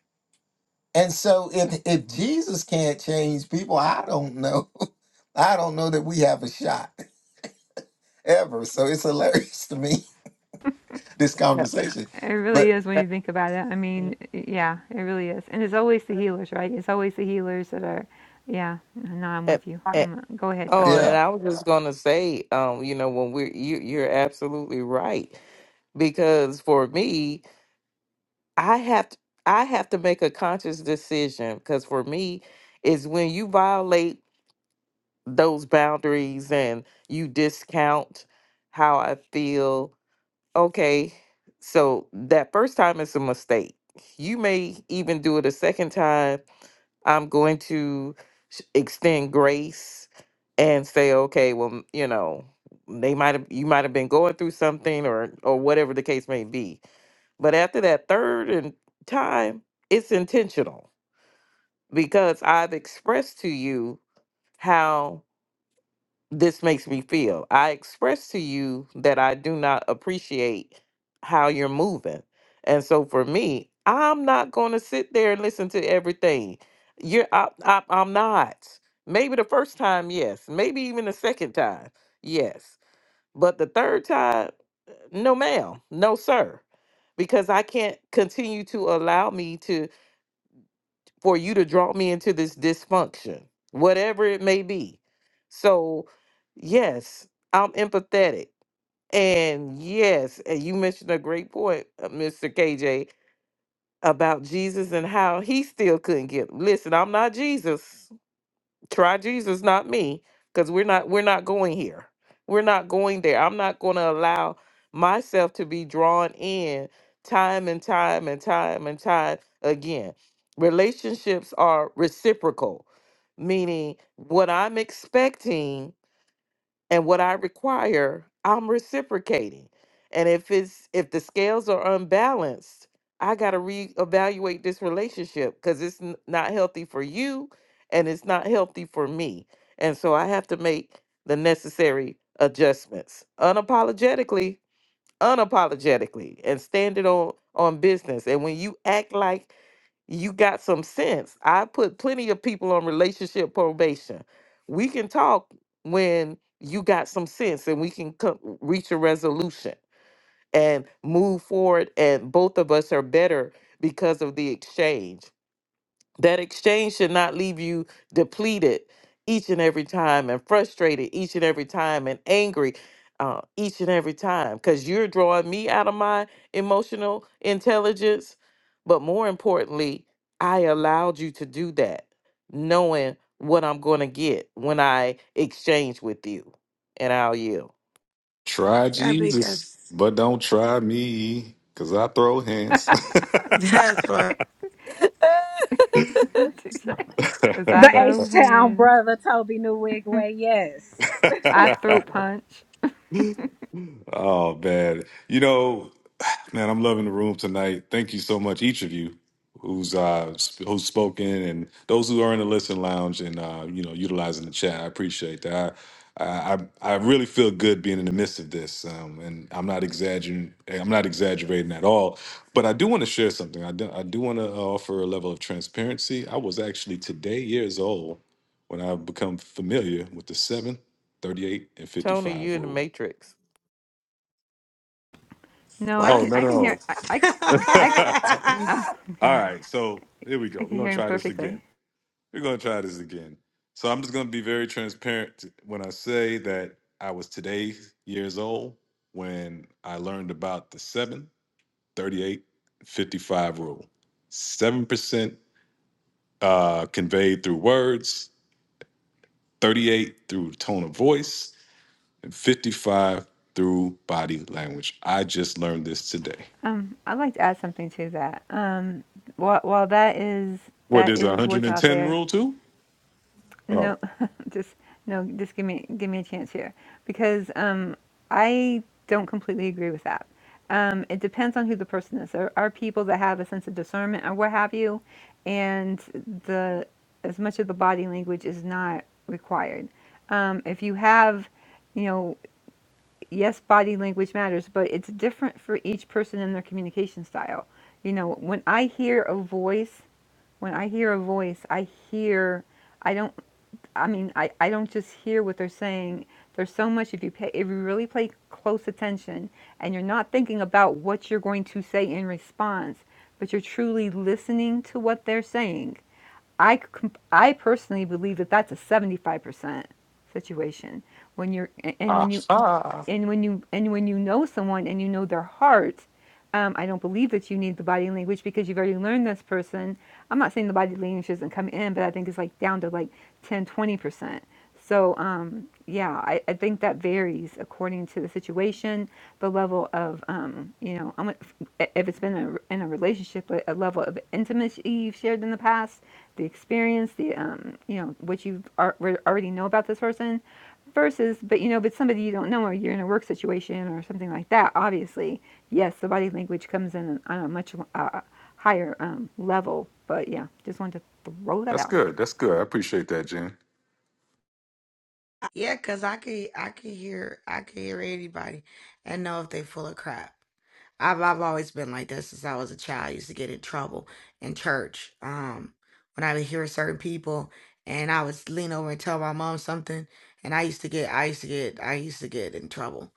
Speaker 6: And so if if Jesus can't change people, I don't know. [LAUGHS] I don't know that we have a shot [LAUGHS] ever. So it's hilarious to me this
Speaker 7: Yeah.
Speaker 6: conversation.
Speaker 3: It really
Speaker 6: But
Speaker 3: is when
Speaker 7: Uh,
Speaker 3: you think about it. I mean, yeah, it really is. And it's always the healers, right? It's always the healers that are, yeah. No, I'm
Speaker 7: uh,
Speaker 3: with you.
Speaker 7: uh,
Speaker 3: I'm, go ahead,
Speaker 7: Oh,
Speaker 3: Trellis.
Speaker 7: and
Speaker 6: yeah,
Speaker 7: I was just gonna say, um, you know, when we're you, you're absolutely right because for me, I have to, I have to make a conscious decision because for me, is when you violate those boundaries and you discount how I feel okay, so that first time is a mistake. You may even do it a second time. I'm going to s- extend grace and say, okay, well, m- you know, they might have you might have been going through something or or whatever the case may be. But after that third and time, it's intentional because I've expressed to you how this makes me feel. I express to you that I do not appreciate how you're moving. And so for me, I'm not going to sit there and listen to everything. You're I, I, I'm not. Maybe the first time, yes. Maybe even the second time, yes. But the third time, no ma'am, no sir. Because I can't continue to allow me to for you to draw me into this dysfunction, whatever it may be. So, yes, I'm empathetic. And yes, and you mentioned a great point, uh, Mr. KJ, about Jesus and how he still couldn't get. Listen, I'm not Jesus try Jesus, not me, because we're not we're not going here. We're not going there. I'm not going to allow myself to be drawn in time and time and time and time again. Relationships are reciprocal, meaning what I'm expecting and what I require, I'm reciprocating. And if it's if the scales are unbalanced, I got to reevaluate this relationship because it's n- not healthy for you and it's not healthy for me. And so I have to make the necessary adjustments unapologetically, unapologetically, and stand it on on business. And when you act like you got some sense. I put plenty of people on relationship probation. We can talk when you got some sense and we can come, reach a resolution and move forward and both of us are better because of the exchange. That exchange should not leave you depleted each and every time and frustrated each and every time and angry uh, each and every time because you're drawing me out of my emotional intelligence. But more importantly, I allowed you to do that knowing what I'm going to get when I exchange with you. And I'll yield.
Speaker 1: Try
Speaker 9: Yeah, because
Speaker 1: Jesus, but don't try me, because I throw hands. [LAUGHS]
Speaker 9: [LAUGHS]
Speaker 3: Stop
Speaker 9: that's
Speaker 3: it,
Speaker 9: what
Speaker 3: TJ. Cause I
Speaker 8: the
Speaker 3: throw
Speaker 8: H Town
Speaker 3: hands.
Speaker 8: brother, Toby Newigwe. Yes.
Speaker 3: I throat punch.
Speaker 1: Oh man, you know, [SIGHS] man, I'm loving the room tonight. Thank you so much, each of you who's uh sp- who's spoken and those who are in the listen lounge and uh you know utilizing the chat. I appreciate that. I I, I I really feel good being in the midst of this, um, and I'm not exaggerating. I'm not exaggerating at all. But I do want to share something. I do, I do want to offer a level of transparency. I was actually today years old when I become familiar with the seven, thirty-eight, and
Speaker 7: Tony, you
Speaker 1: 55
Speaker 7: in the
Speaker 1: rule.
Speaker 7: Matrix.
Speaker 3: No, I
Speaker 1: Oh
Speaker 3: can
Speaker 9: what?
Speaker 1: no
Speaker 3: I can
Speaker 1: no!
Speaker 3: hear I
Speaker 9: [LAUGHS]
Speaker 3: I,
Speaker 6: [LAUGHS]
Speaker 3: I
Speaker 1: [LAUGHS]
Speaker 6: I
Speaker 9: yeah,
Speaker 1: All
Speaker 3: oh okay.
Speaker 1: right, so here we
Speaker 3: I
Speaker 1: go. We're
Speaker 3: can
Speaker 1: gonna
Speaker 3: hear him
Speaker 1: try this again.
Speaker 3: perfectly.
Speaker 1: We're gonna try this again. So I'm just gonna be very transparent when I say that I was today years old when I learned about the 7, 38, 55 rule. 7% uh, conveyed through words, 38 through tone of voice, and 55 through body language. I just learned this today.
Speaker 3: Um, I'd like to add something to that. Um, while, while that is
Speaker 1: What
Speaker 3: that
Speaker 1: is
Speaker 3: is what's out
Speaker 1: 110
Speaker 3: there,
Speaker 1: rule too? Oh,
Speaker 3: No, [LAUGHS] just no, just give me give me a chance here because um, I don't completely agree with that. Um, it depends on who the person is. There are people that have a sense of discernment or what have you, and the as much of the body language is not required. Um, if you have, you know, yes, body language matters, but it's different for each person in their communication style. You know, when I hear a voice, when I hear a voice, I hear. I don't. I mean, I, I don't just hear what they're saying. There's so much if you pay, if you really pay close attention and you're not thinking about what you're going to say in response, but you're truly listening to what they're saying. I, com- I personally believe that that's a 75% situation when you're
Speaker 1: [LAUGHS]
Speaker 3: and when you
Speaker 1: aha.
Speaker 3: and when you and when you know someone and you know their heart um, i don't believe that you need the body language because you've already learned this person i'm not saying the body language doesn't come in but i think it's like down to like ten, twenty percent so um, yeah I, I think that varies according to the situation the level of um, you know I'm if it's been a, in a relationship a, level of intimacy you've shared in the past the experience the um you know what you ar- already know about this person versus but you know but somebody you don't know or you're in a work situation or something like that obviously yes the body language comes in on a much uh, higher um, level but yeah just wanted to throw that
Speaker 1: That's
Speaker 3: out there
Speaker 1: good. That's good. I appreciate that, Jen.
Speaker 9: because I could I could hear I could hear anybody and know if they full of crap. I've I've always been like that since I was a child. I used to get in trouble in church. Um, when I would hear certain people and I would lean over and tell my mom something, and I used to get I used to get I used to get in trouble.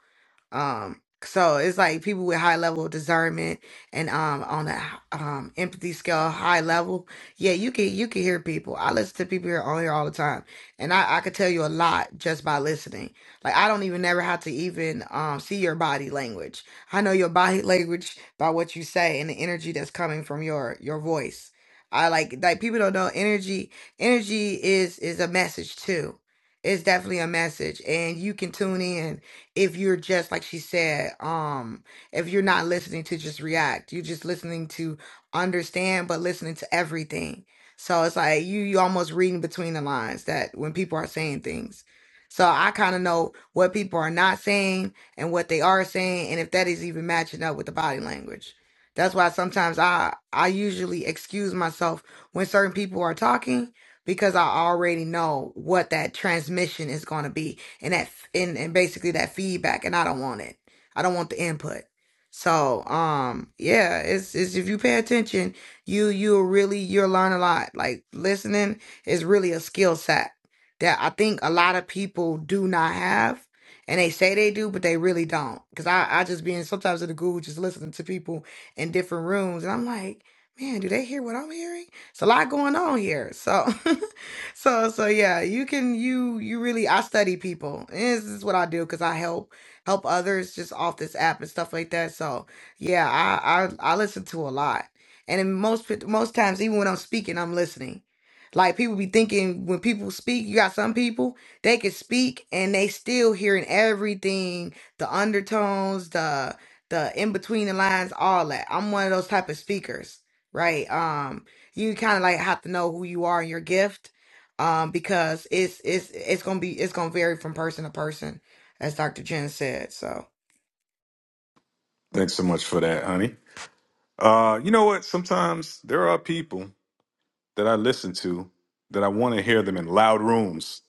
Speaker 9: Um, so it's like people with high level of discernment and um on a um empathy scale high level. Yeah, you can you can hear people. I listen to people here on here all the time, and I I could tell you a lot just by listening. Like I don't even never have to even um see your body language. I know your body [LAUGHS] language by what you say and the energy that's coming from your your voice. I like like people don't know energy. Energy is is a message too. It's definitely a message, and you can tune in if you're just like she said um if you're not listening to just react you're just listening to understand but listening to everything so it's like you you almost reading between the lines that when people are saying things so i kind of know what people are not saying and what they are saying and if that is even matching up with the body language that's why sometimes i i usually excuse myself when certain people are talking because i already know what that transmission is going to be and that and, and basically that feedback and I don't want it. I don't want the input. So um yeah, it's it's if you pay attention, you you'll really you'll learn a lot. Like listening is really a skill set that I think a lot of people do not have. And they say they do, but they really don't. Cause I, I just being sometimes in the Google just listening to people in different rooms and I'm like, man, do they hear what I'm hearing? It's a lot going on here. So [LAUGHS] so so yeah you can you you really i study people and this is what i do because i help help others just off this app and stuff like that so yeah i i, I listen to a lot and in most pit- most times even when i'm speaking i'm listening like people be thinking when people speak you got some people they can speak and they still hearing everything the undertones the the in between the lines all that i'm one of those type of speakers right um you kind of like have to know who you are and your gift um, because it's it's it's gonna be it's gonna vary from person to person, as Dr. Jen said. So
Speaker 1: Thanks so much for that, honey. Uh, you know what? Sometimes there are people that I listen to that I want to hear them in loud rooms.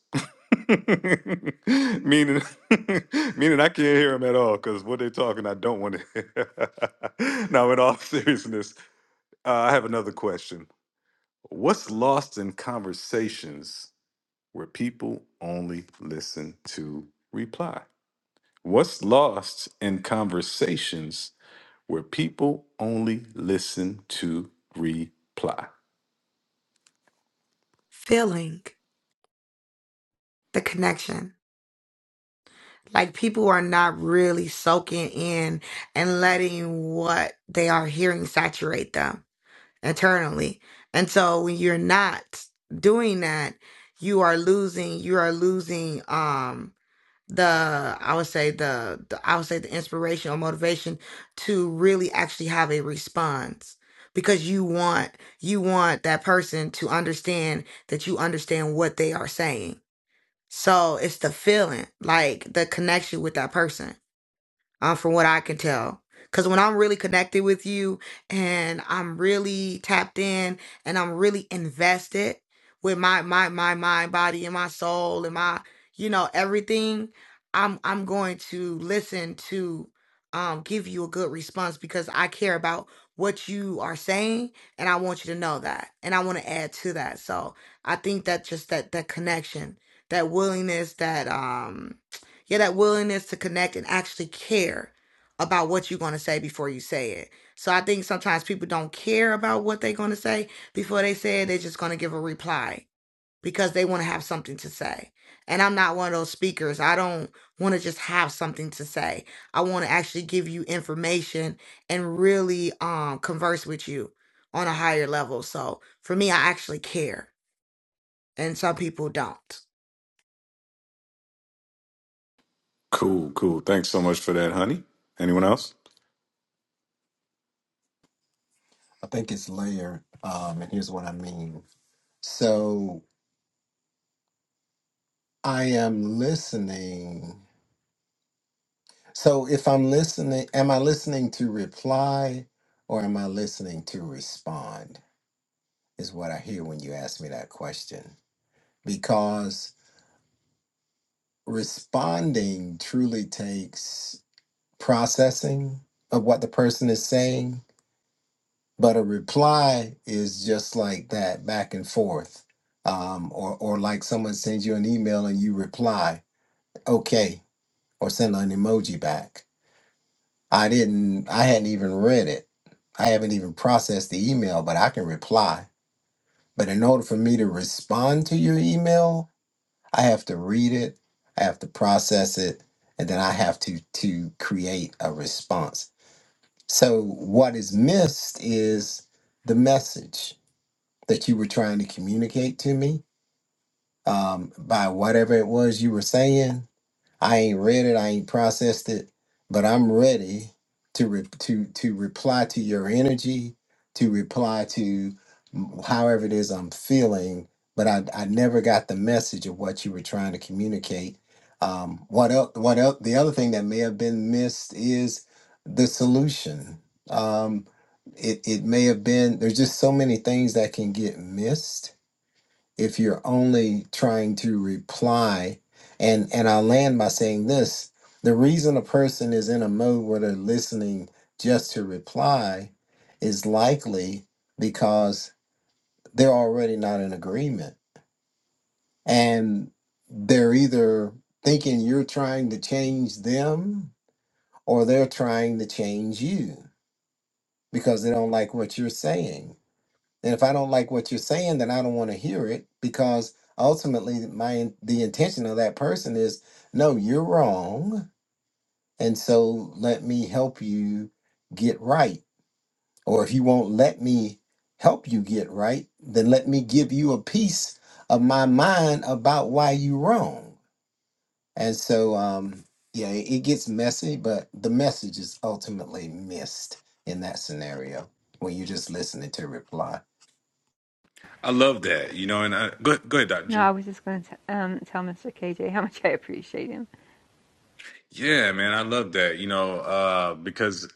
Speaker 1: [LAUGHS] meaning, [LAUGHS] meaning I can't hear them at all because what they're talking, I don't want to hear. [LAUGHS] now, in all [LAUGHS] seriousness, uh, I have another question. What's lost in conversations where people only listen to reply? What's lost in conversations where people only listen to reply.
Speaker 9: feeling the connection, like people are not really soaking in and letting what they are hearing saturate them internally, and so when you're not doing that, you are losing you are losing. Um, the I would say the, the I would say the inspiration or motivation to really actually have a response because you want you want that person to understand that you understand what they are saying. So it's the feeling, like the connection with that person um, from what I can tell. Because when I'm really connected with you and I'm really tapped in and I'm really invested with my my my mind, body, and my soul and my you know everything, I'm I'm going to listen to um give you a good response because I care about what you are saying and I want you to know that and I want to add to that. So I think that just that that connection, that willingness, that um yeah, that willingness to connect and actually care about what you're going to say before you say it. So I think sometimes people don't care about what they're going to say before they say it. They're just going to give a reply because they want to have something to say. And I'm not one of those speakers. I don't want to just have something to say. I want to actually give you information and really um, converse with you on a higher level. So for me, I actually care, and some people don't.
Speaker 1: Cool, cool. Thanks so much for that, honey. Anyone else?
Speaker 6: think it's layered. Um, and here's what I mean. So I am listening. So if I'm listening, am I listening to reply or am I listening to respond? Is what I hear when you ask me that question. Because responding truly takes processing of what the person is saying but a reply is just like that back and forth um, or or like someone sends you an email and you reply okay or send an emoji back i didn't i hadn't even read it i haven't even processed the email but i can reply but in order for me to respond to your email i have to read it i have to process it and then i have to to create a response so what is missed is the message that you were trying to communicate to me um, by whatever it was you were saying. I ain't read it, I ain't processed it, but I'm ready to re- to to reply to your energy, to reply to mm, however it is I'm feeling. But I, I never got the message of what you were trying to communicate. Um, what else? What else? The other thing that may have been missed is the solution. Um, it it may have been. There's just so many things that can get missed if you're only trying to reply and and i land by saying this the reason a person is in a mode where they're listening just to reply is likely because they're already not in agreement and they're either thinking you're trying to change them or they're trying to change you because they don't like what you're saying And if I don't like what you're saying, then I don't want to hear it because ultimately my in- the intention of that person is no, you're wrong, and so let me help you get right. Or if you won't let me help you get right, then let me give you a piece of my mind about why you're wrong. And so um yeah, it it gets messy, but the message is ultimately missed in that scenario when you're just listening to reply.
Speaker 1: I love that, you know, and I, go, go ahead, Dr.
Speaker 3: no
Speaker 1: Jen.
Speaker 3: i was just going to um, tell mr kj how much i appreciate him
Speaker 1: Yeah, man, I love that, you know, uh, because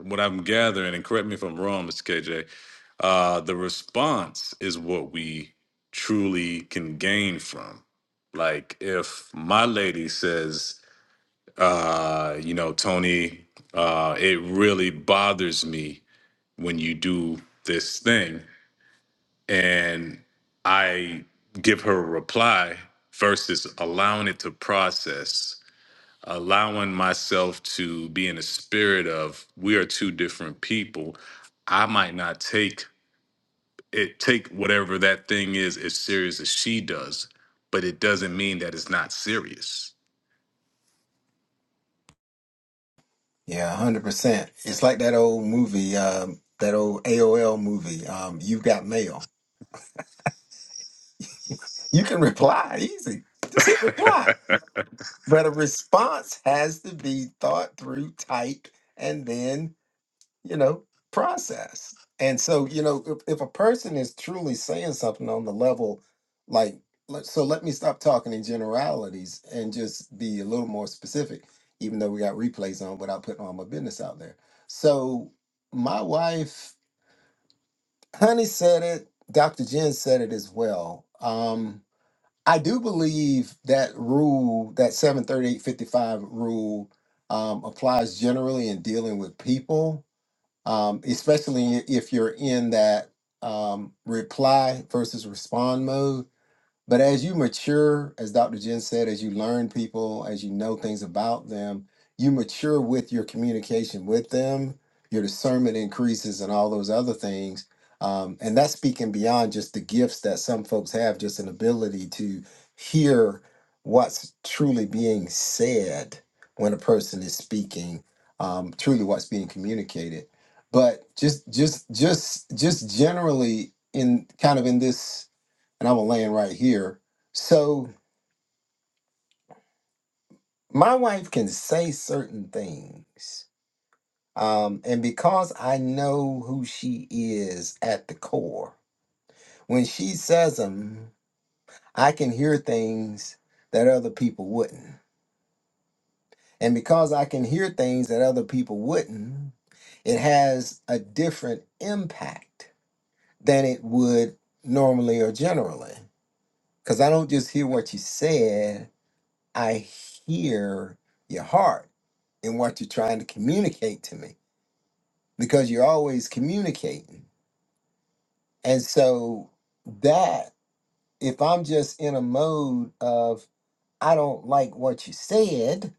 Speaker 1: what I'm gathering, and correct me if I'm wrong, Mr. KJ, uh, the response is what we truly can gain from. Like if my lady says, uh, you know, Tony, uh, it really bothers me when you do this thing. And I give her a reply versus allowing it to process, allowing myself to be in the spirit of we are two different people. I might not take it take whatever that thing is as serious as she does, but it doesn't mean that it's not serious.
Speaker 6: Yeah, hundred percent. It's like that old movie, um, that old AOL movie. Um, you got mail. You can reply easy.
Speaker 1: [LAUGHS]
Speaker 6: Just hit reply.
Speaker 1: that,
Speaker 6: But a response has to be thought through, typed, and then you know processed. And so you know, if, if a person is truly saying something on the level, like let- so, let me stop talking in generalities and just be a little more specific. Even though we got replays on, without putting all my business out there. So my wife Honey said it. Dr. Jen said it as well. Um, I do believe that rule, that 73855 rule, um, applies generally in dealing with people, um, especially if you're in that um, reply versus respond mode. But as you mature, as Dr. Jen said, as you learn people, as you know things about them, you mature with your communication with them, your discernment increases, and all those other things. Um, and that's speaking beyond just the gifts that some folks have, just an ability to hear what's truly being said when a person is speaking, um, truly what's being communicated. But just, just, just, just generally in kind of in this and I'm going land right here. So my wife can say certain things, um, and because I know who she is at the core, when she says them, I can hear things that other people wouldn't, and because I can hear things that other people wouldn't, it has a different impact than it would normally or generally. Because I don't just hear what you said; I hear your heart and what you're trying to communicate to me because you're always communicating. And so that if I'm just in a mode of I don't like what you said,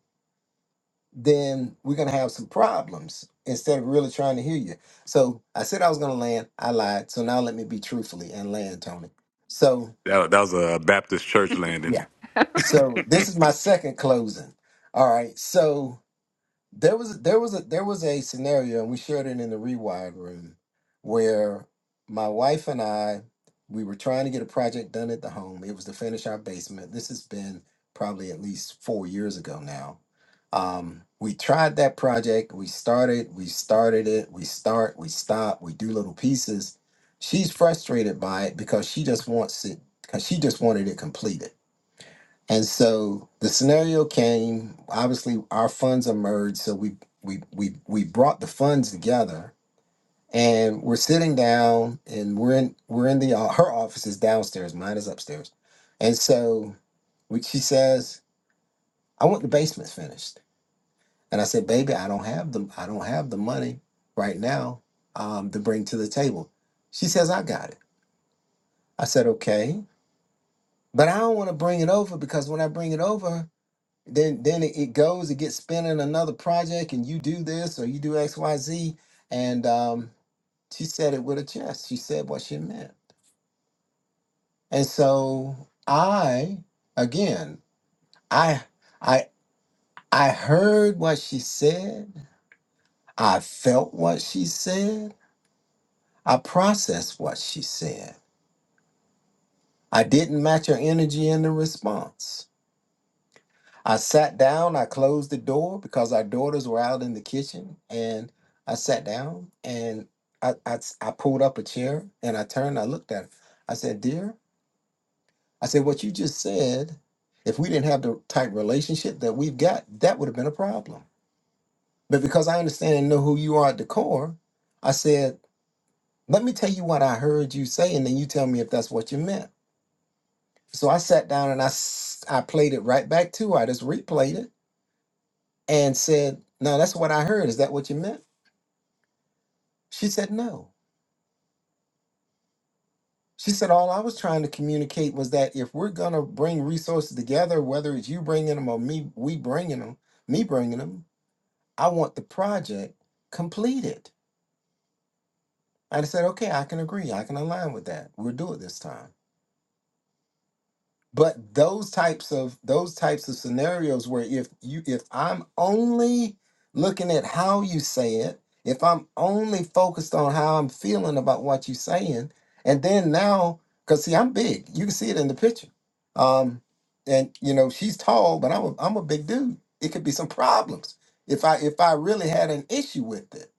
Speaker 6: then we're gonna have some problems instead of really trying to hear you. So I said I was gonna land, I lied. So now let me be truthfully and land, Tony. So
Speaker 1: that was a Baptist church landing.
Speaker 6: yeah. So this is my second closing. All right. So There was there was a there was a scenario, and we shared it in the rewired room, where my wife and I we were trying to get a project done at the home. It was to finish our basement. This has been probably at least four years ago now. Um, we tried that project. We started. We started it. We start. We stop. We do little pieces. She's frustrated by it because she just wants it because she just wanted it completed and so the scenario came. Obviously, our funds emerged, so we we we we brought the funds together, and we're sitting down, and we're in we're in the uh, her office is downstairs, mine is upstairs, and so we, she says, "I want the basement finished," and I said, "Baby, I don't have the I don't have the money right now um, to bring to the table." She says, "I got it." I said, "Okay." But I don't want to bring it over because when I bring it over, then then it it goes it gets spent in another project and you do this or you do xyz and um, she said it with a chest she said what she meant and so i again i i i heard what she said i felt what she said i processed what she said i didn't match her energy in the response I sat down, I closed the door because our daughters were out in the kitchen, and I sat down and I, I, s- I pulled up a chair and I turned, I looked at her. I said, Dear, I said, what you just said, if we didn't have the type relationship that we've got, that would have been a problem. But because I understand and know who you are at the core, I said, let me tell you what I heard you say, and then you tell me if that's what you meant. So I sat down and I, s- I played it right back to her. I just replayed it and said, Now that's what I heard. Is that what you meant? She said, No. She said, All I was trying to communicate was that if we're going to bring resources together, whether it's you bringing them or me, we bringing them, me bringing them, I want the project completed. And I said, Okay, I can agree. I can align with that. We'll do it this time. but those types of those types of scenarios where if you if i'm only looking at how you say it if i'm only focused on how i'm feeling about what you're saying and then now because see i'm big you can see it in the picture um and you know she's tall but i'm a, I'm a big dude it could be some problems if i if i really had an issue with it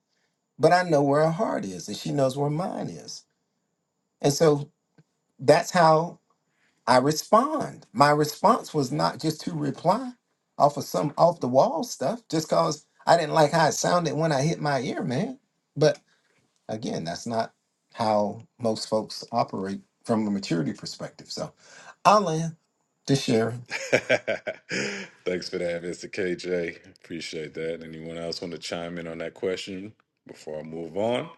Speaker 6: but i know where her heart is and she knows where mine is and so that's how I respond. My response was not just to reply off of some off the wall stuff, just cause I didn't like how it sounded when I hit my ear, man. But again, that's not how most folks operate from a maturity perspective. So I'll land to share.
Speaker 1: [LAUGHS] Thanks for that, Mr. KJ. Appreciate that. Anyone else want to chime in on that question before I move on?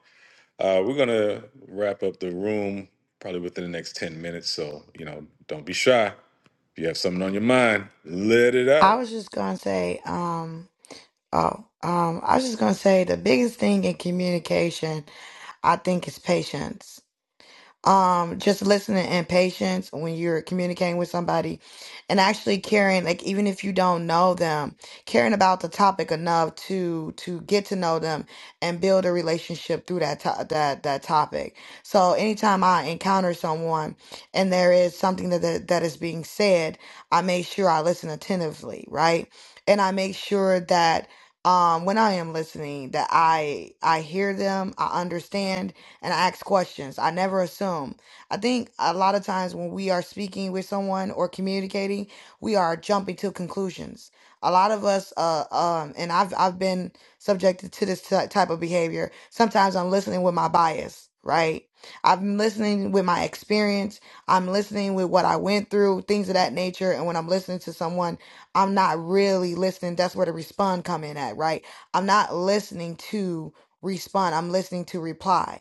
Speaker 1: Uh, we're gonna wrap up the room probably within the next 10 minutes. So, you know, don't be shy. If you have something on your mind, let it
Speaker 9: I
Speaker 1: out.
Speaker 9: was just gonna say, um, Oh, um, I was just gonna say the biggest thing in communication, I think, is patience um just listening and patience when you're communicating with somebody and actually caring like even if you don't know them caring about the topic enough to to get to know them and build a relationship through that to- that that topic so anytime i encounter someone and there is something that, that that is being said i make sure i listen attentively right and i make sure that um when i am listening that i i hear them i understand and I ask questions. I never assume. I think a lot of times when we are speaking with someone or communicating, we are jumping to conclusions. A lot of us, uh, um, and I've I've been subjected to this ty- type of behavior. Sometimes I'm listening with my bias, right? I'm listening with my experience. I'm listening with what I went through, things of that nature. And when I'm listening to someone, I'm not really listening. That's where the respond come in at, right? I'm not listening to respond. I'm listening to reply.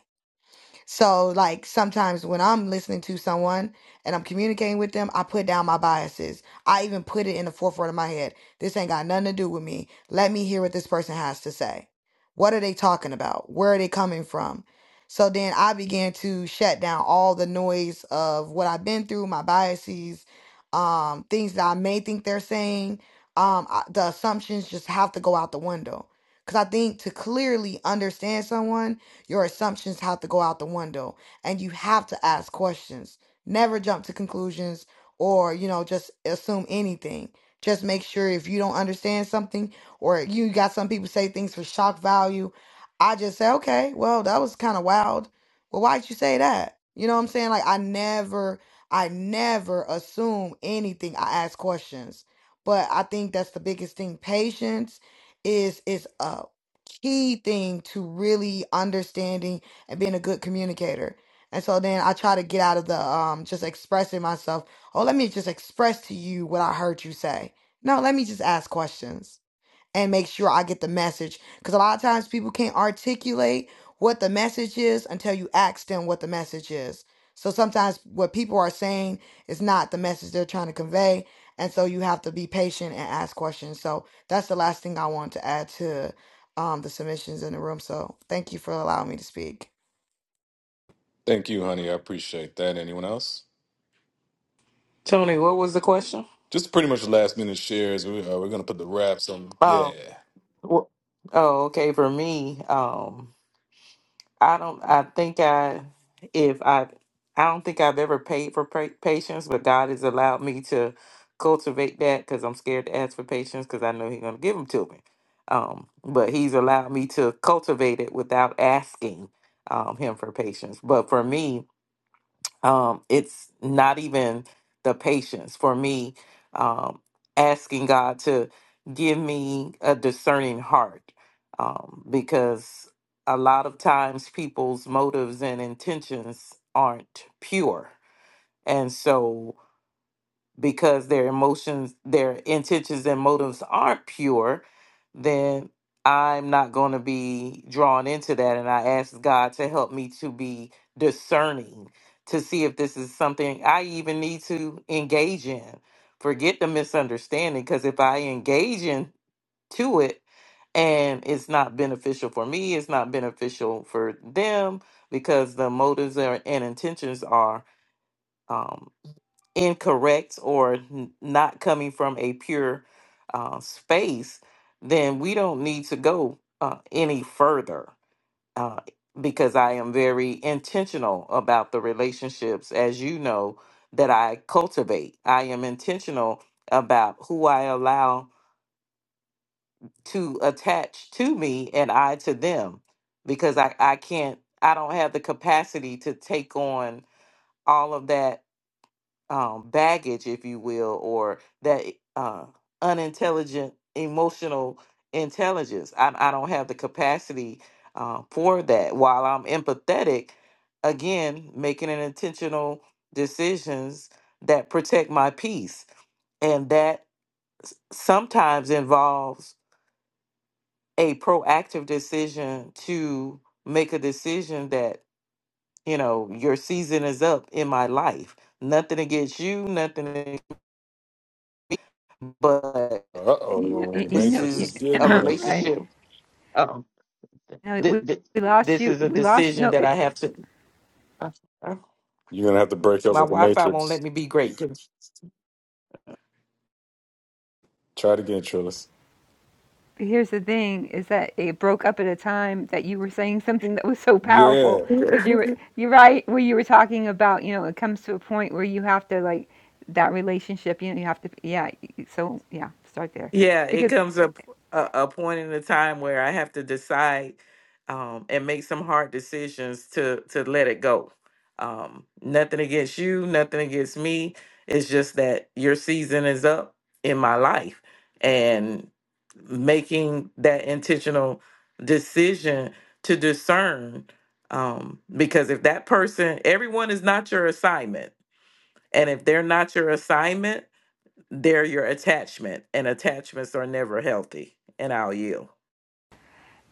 Speaker 9: So, like, sometimes when I'm listening to someone and I'm communicating with them, I put down my biases. I even put it in the forefront of my head. This ain't got nothing to do with me. Let me hear what this person has to say. What are they talking about? Where are they coming from? So then I began to shut down all the noise of what I've been through, my biases, um, things that I may think they're saying. Um, I, the assumptions just have to go out the window. Because I think to clearly understand someone, your assumptions have to go out the window and you have to ask questions. Never jump to conclusions or, you know, just assume anything. Just make sure if you don't understand something or you got some people say things for shock value. I just say, okay, well, that was kind of wild. Well, why'd you say that? You know what I'm saying? Like, I never, I never assume anything. I ask questions. But I think that's the biggest thing. Patience is is up key thing to really understanding and being a good communicator. And so then I try to get out of the um just expressing myself. Oh, let me just express to you what I heard you say. No, let me just ask questions and make sure I get the message. Because a lot of times people can't articulate what the message is until you ask them what the message is. So sometimes what people are saying is not the message they're trying to convey. And so you have to be patient and ask questions. So that's the last thing I want to add to um, the submissions in the room. So thank you for allowing me to speak.
Speaker 1: Thank you, honey. I appreciate that. Anyone else?
Speaker 7: Tony, what was the question?
Speaker 1: Just pretty much the last minute shares. We, uh, we're gonna put the wraps on. Yeah.
Speaker 7: Oh, wh- oh, okay. For me, um. I don't. I think I, if I, I don't think I've ever paid for pra- patience, but God has allowed me to cultivate that because I'm scared to ask for patience because I know He's going to give them to me. Um, but He's allowed me to cultivate it without asking um, Him for patience. But for me, um, it's not even the patience for me um, asking god to give me a discerning heart um, because a lot of times people's motives and intentions aren't pure and so because their emotions, their intentions and motives aren't pure, then I'm not going to be drawn into that. And I ask God to help me to be discerning to see if this is something I even need to engage in. Forget the misunderstanding, because if I engage in to it and it's not beneficial for me, it's not beneficial for them because the motives are, and intentions are um, incorrect or n- not coming from a pure uh, space, then we don't need to go uh, any further uh, because I am very intentional about the relationships, as you know, that I cultivate. I am intentional about who I allow to attach to me and I to them because I, I can't, I don't have the capacity to take on all of that um, baggage, if you will, or that eh, uh, unintelligent emotional intelligence. I, I don't have the capacity uh, for that. While I'm empathetic, again, making an intentional decisions that protect my peace, and that sometimes involves a proactive decision to make a decision that you know your season is up in my life. Nothing against you, nothing, but
Speaker 1: Uh
Speaker 3: you know
Speaker 1: oh,
Speaker 3: you,
Speaker 1: the
Speaker 3: you
Speaker 7: This
Speaker 3: know
Speaker 1: Matrix
Speaker 3: you,
Speaker 1: is
Speaker 7: is
Speaker 3: [COUGHS] [CLEARS THROAT]
Speaker 1: getting
Speaker 7: a
Speaker 1: you.
Speaker 7: relationship.
Speaker 3: right
Speaker 7: Um,
Speaker 3: no we,
Speaker 7: th- th-
Speaker 3: we lost
Speaker 7: this
Speaker 3: you
Speaker 7: is a
Speaker 3: we lost you
Speaker 7: decision
Speaker 3: no
Speaker 7: that
Speaker 3: it,
Speaker 7: I have to. Uh, uh,
Speaker 1: You're gonna have to break up
Speaker 7: my
Speaker 1: with the
Speaker 7: Wi-Fi won't
Speaker 1: Matrix.
Speaker 7: let me be great.
Speaker 1: Try it again, Trillis.
Speaker 3: Here's the thing is that it broke up at a time that you were saying something that was so
Speaker 1: Yeah.
Speaker 3: powerful because you
Speaker 7: [LAUGHS]
Speaker 3: were you're right where you were talking about you know it comes to a point where you have to like that relationship you know you have to yeah y- so yeah start there
Speaker 7: Yeah, it
Speaker 3: because
Speaker 7: comes up a, a point in the time where I have to decide um, and make some hard decisions to to let it go. Um, nothing against you, nothing against me. It's just that your season is up in my life, and making that intentional decision to discern. Um, because if that person, everyone is not your assignment, and if they're not your assignment they're your attachment, and attachments are never healthy. And I'll yield.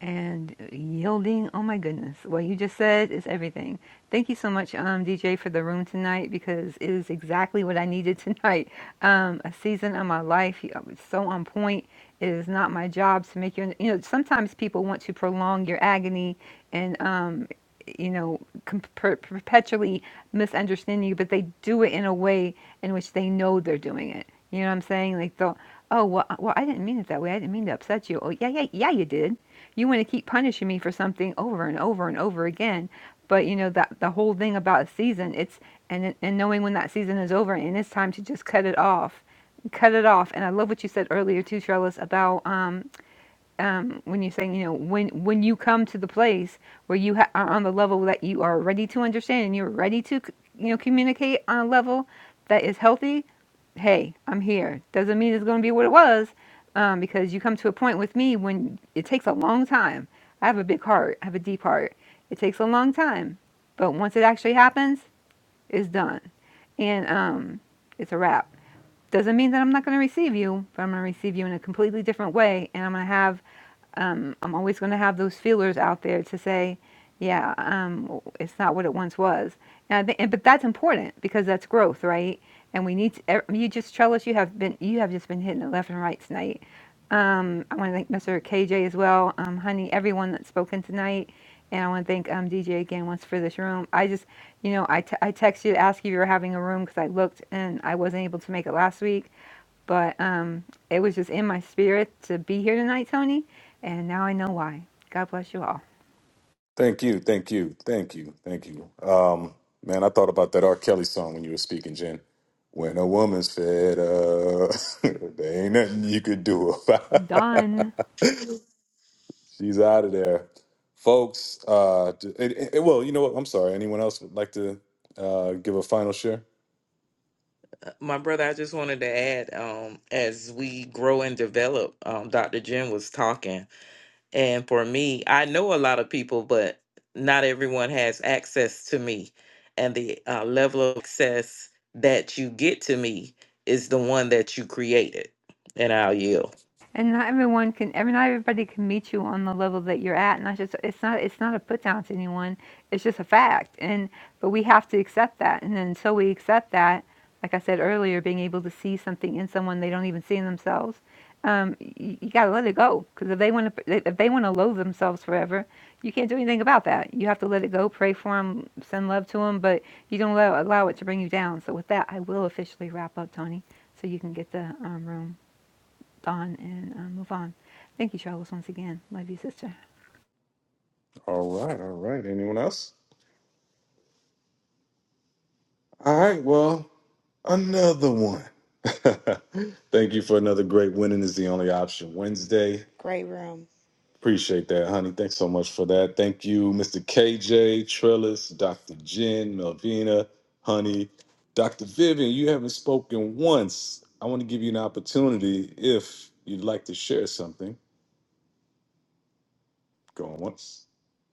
Speaker 3: and yielding. Oh my goodness, what you just said is everything. Thank you so much, um, DJ, for the room tonight because it is exactly what I needed [LAUGHS] tonight. Um, a season of my life, you- it's so on point. It is not my job to make you. You know, sometimes people want to prolong your agony and um, you know, com- per- perpetually misunderstand you, but they do it in a way in which they know they're doing it. You know what I'm saying? Like, they'll, oh, well, uh, well, I didn't mean it that way. I didn't mean to upset you. Oh, yeah, yeah, yeah, you did you want to keep punishing me for something over and over and over again. But you know that the whole thing about a season, it's and and knowing when that season is over and it's time to just cut it off, cut it off. And I love what you said earlier too, Trellis, about um, um, when you're saying, you know, when when you come to the place where you ha- are on the level that you are ready to understand and you're ready to, c- you know, communicate on a level that is healthy, hey, I'm here. Doesn't mean it's going to be what it was, um, because you come to a point with me when it takes a long time. I have a big heart. I have a deep heart. It takes a long time, but once it actually happens, it's done, and um, it's a wrap. Doesn't mean that I'm not going to receive you, but I'm going to receive you in a completely different way, and I'm going to have um, I'm always going to have those feelers out there to say, yeah, um, it's not what it once was. And I think, and, but that's important because that's growth, right? and we need to, er, you just tell us you have been you have just been hitting it left and right tonight um, i want to thank mr kj as well um, honey everyone that's spoken tonight and i want to thank um, dj again once for this room i just you know I t- I texted you to ask if you were having a room because i looked and i wasn't able to make it last week but um, it was just in my spirit to be here tonight tony and now i know why god bless you all
Speaker 1: Thank you, thank you, thank you, thank you. Um, man, I thought about that R. Kelly song when you were speaking, Jen. When a woman's fed up, [LAUGHS] there ain't nothing you could do about. it.
Speaker 3: done
Speaker 1: [LAUGHS] She's out of there, folks. Uh, d- it, it, well, you know what? I'm sorry. Anyone else would like to uh, give a final share?
Speaker 7: My brother, I just wanted to add, um, as we grow and develop, um, Dr. Jim was talking. And for me, I know a lot of people, but not everyone has access to me. And the uh, level of access that you get to me is the one that you created. And I'll yield.
Speaker 3: and not everyone can every not everybody can meet you on the level that you're at and i just it's not it's not a put down to anyone it's just a fact and but we have to accept that and then until we accept that like i said earlier being able to see something in someone they don't even see in themselves um, you, you got to let it go because if they want to if they want to loathe themselves forever you can't do anything about that you have to let it go pray for them send love to them but you don't allow, allow it to bring you down so with that i will officially wrap up tony so you can get the um, room on and uh, move on. Thank you, Charles, once again. Love you, sister.
Speaker 1: All right, all right. Anyone else? All right. Well, another one. [LAUGHS] Thank you for another great winning is the only option Wednesday.
Speaker 9: Great room.
Speaker 1: Appreciate that, honey. Thanks so much for that. Thank you, Mr. KJ, Trellis, Dr. Jen, Melvina, honey. Dr. Vivian, you haven't spoken once. I want to give you an opportunity if you'd like to share something. Going once.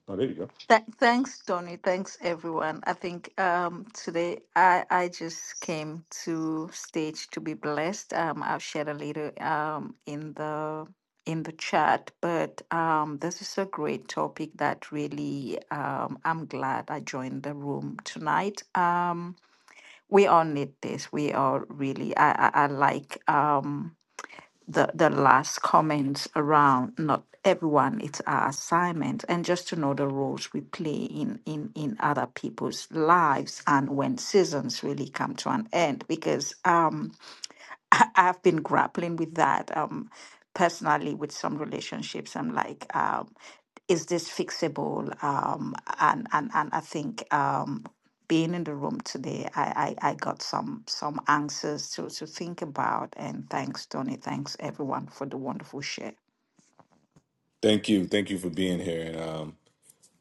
Speaker 1: Oh, there you go.
Speaker 10: Th- thanks, Tony. Thanks, everyone. I think um, today I, I just came to stage to be blessed. Um, I'll share a little um, in the in the chat, but um, this is a great topic that really um, I'm glad I joined the room tonight. Um, we all need this. We all really I I, I like. Um, the the last comments around not everyone it's our assignment and just to know the roles we play in in in other people's lives and when seasons really come to an end because um I, I've been grappling with that um, personally with some relationships. I'm like, um, is this fixable? Um, and and and I think um, being in the room today, I, I I got some some answers to to think about. And thanks, Tony. Thanks everyone for the wonderful share.
Speaker 1: Thank you. Thank you for being here. And um,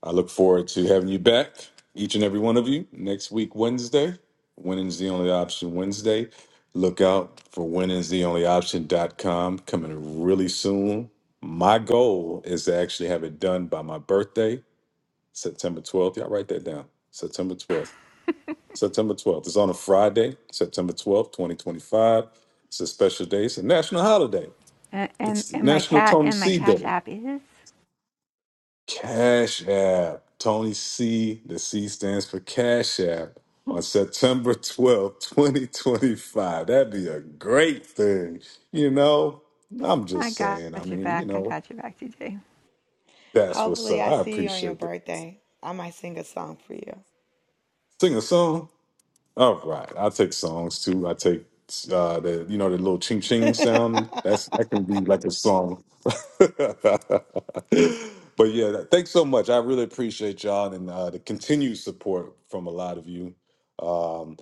Speaker 1: I look forward to having you back, each and every one of you, next week, Wednesday. Winning's the only option Wednesday. Look out for winning's the only Option dot com coming really soon. My goal is to actually have it done by my birthday, September 12th. Y'all write that down. September 12th. September 12th. It's on a Friday, September 12th, 2025. It's a special day. It's a national holiday.
Speaker 3: And, and
Speaker 1: It's
Speaker 3: and my
Speaker 1: National
Speaker 3: cat
Speaker 1: Tony
Speaker 3: and my
Speaker 1: C Day.
Speaker 3: Cash App is.
Speaker 1: Cash App. Tony C. The C stands for Cash App. On September twelfth, 2025. That'd be a great thing. You know, I'm
Speaker 3: I
Speaker 1: just
Speaker 3: got
Speaker 1: saying. I
Speaker 3: your
Speaker 1: mean, you
Speaker 3: back. I
Speaker 1: know,
Speaker 3: got your back, TJ.
Speaker 1: that's what's up. I appreciate that. Sing a song. All right, I take songs too. I take uh, the you know the little ching ching sound. That's that can be like a song. [LAUGHS] but yeah, that- thanks so much. I really appreciate y'all and uh, the continued support from a lot of you. Um,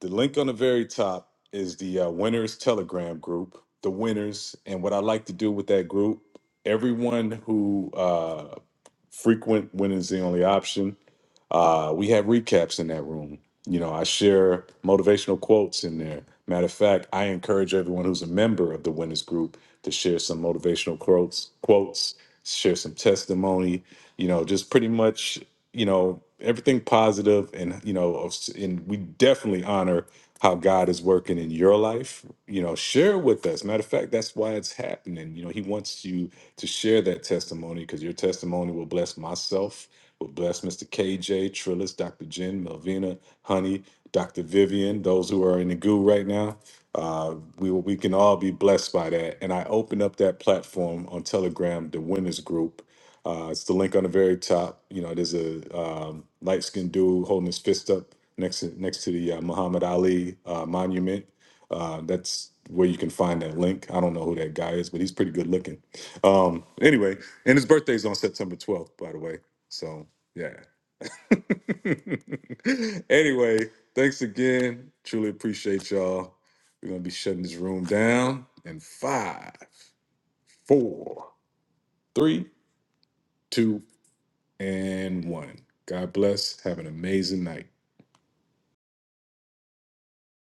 Speaker 1: the link on the very top is the uh, winners telegram group. The winners and what I like to do with that group. Everyone who uh, frequent winners the only option uh, we have recaps in that room. You know, I share motivational quotes in there. Matter of fact, I encourage everyone who's a member of the Winners Group to share some motivational quotes, quotes, share some testimony. You know, just pretty much, you know, everything positive, and you know, and we definitely honor how God is working in your life. You know, share with us. Matter of fact, that's why it's happening. You know, He wants you to share that testimony because your testimony will bless myself We'll bless Mr. KJ, Trillis, Dr. Jen, Melvina, Honey, Dr. Vivian, those who are in the goo right now. Uh, we, we can all be blessed by that. And I open up that platform on Telegram, the Winners Group. Uh, it's the link on the very top. You know, there's a um, light skinned dude holding his fist up next to, next to the uh, Muhammad Ali uh, monument. Uh, that's where you can find that link. I don't know who that guy is, but he's pretty good looking. Um, anyway, and his birthday's on September 12th, by the way. So yeah. [LAUGHS] anyway, thanks again. Truly appreciate y'all. We're gonna be shutting this room down in five, four, three, two, and one. God bless. Have an amazing night.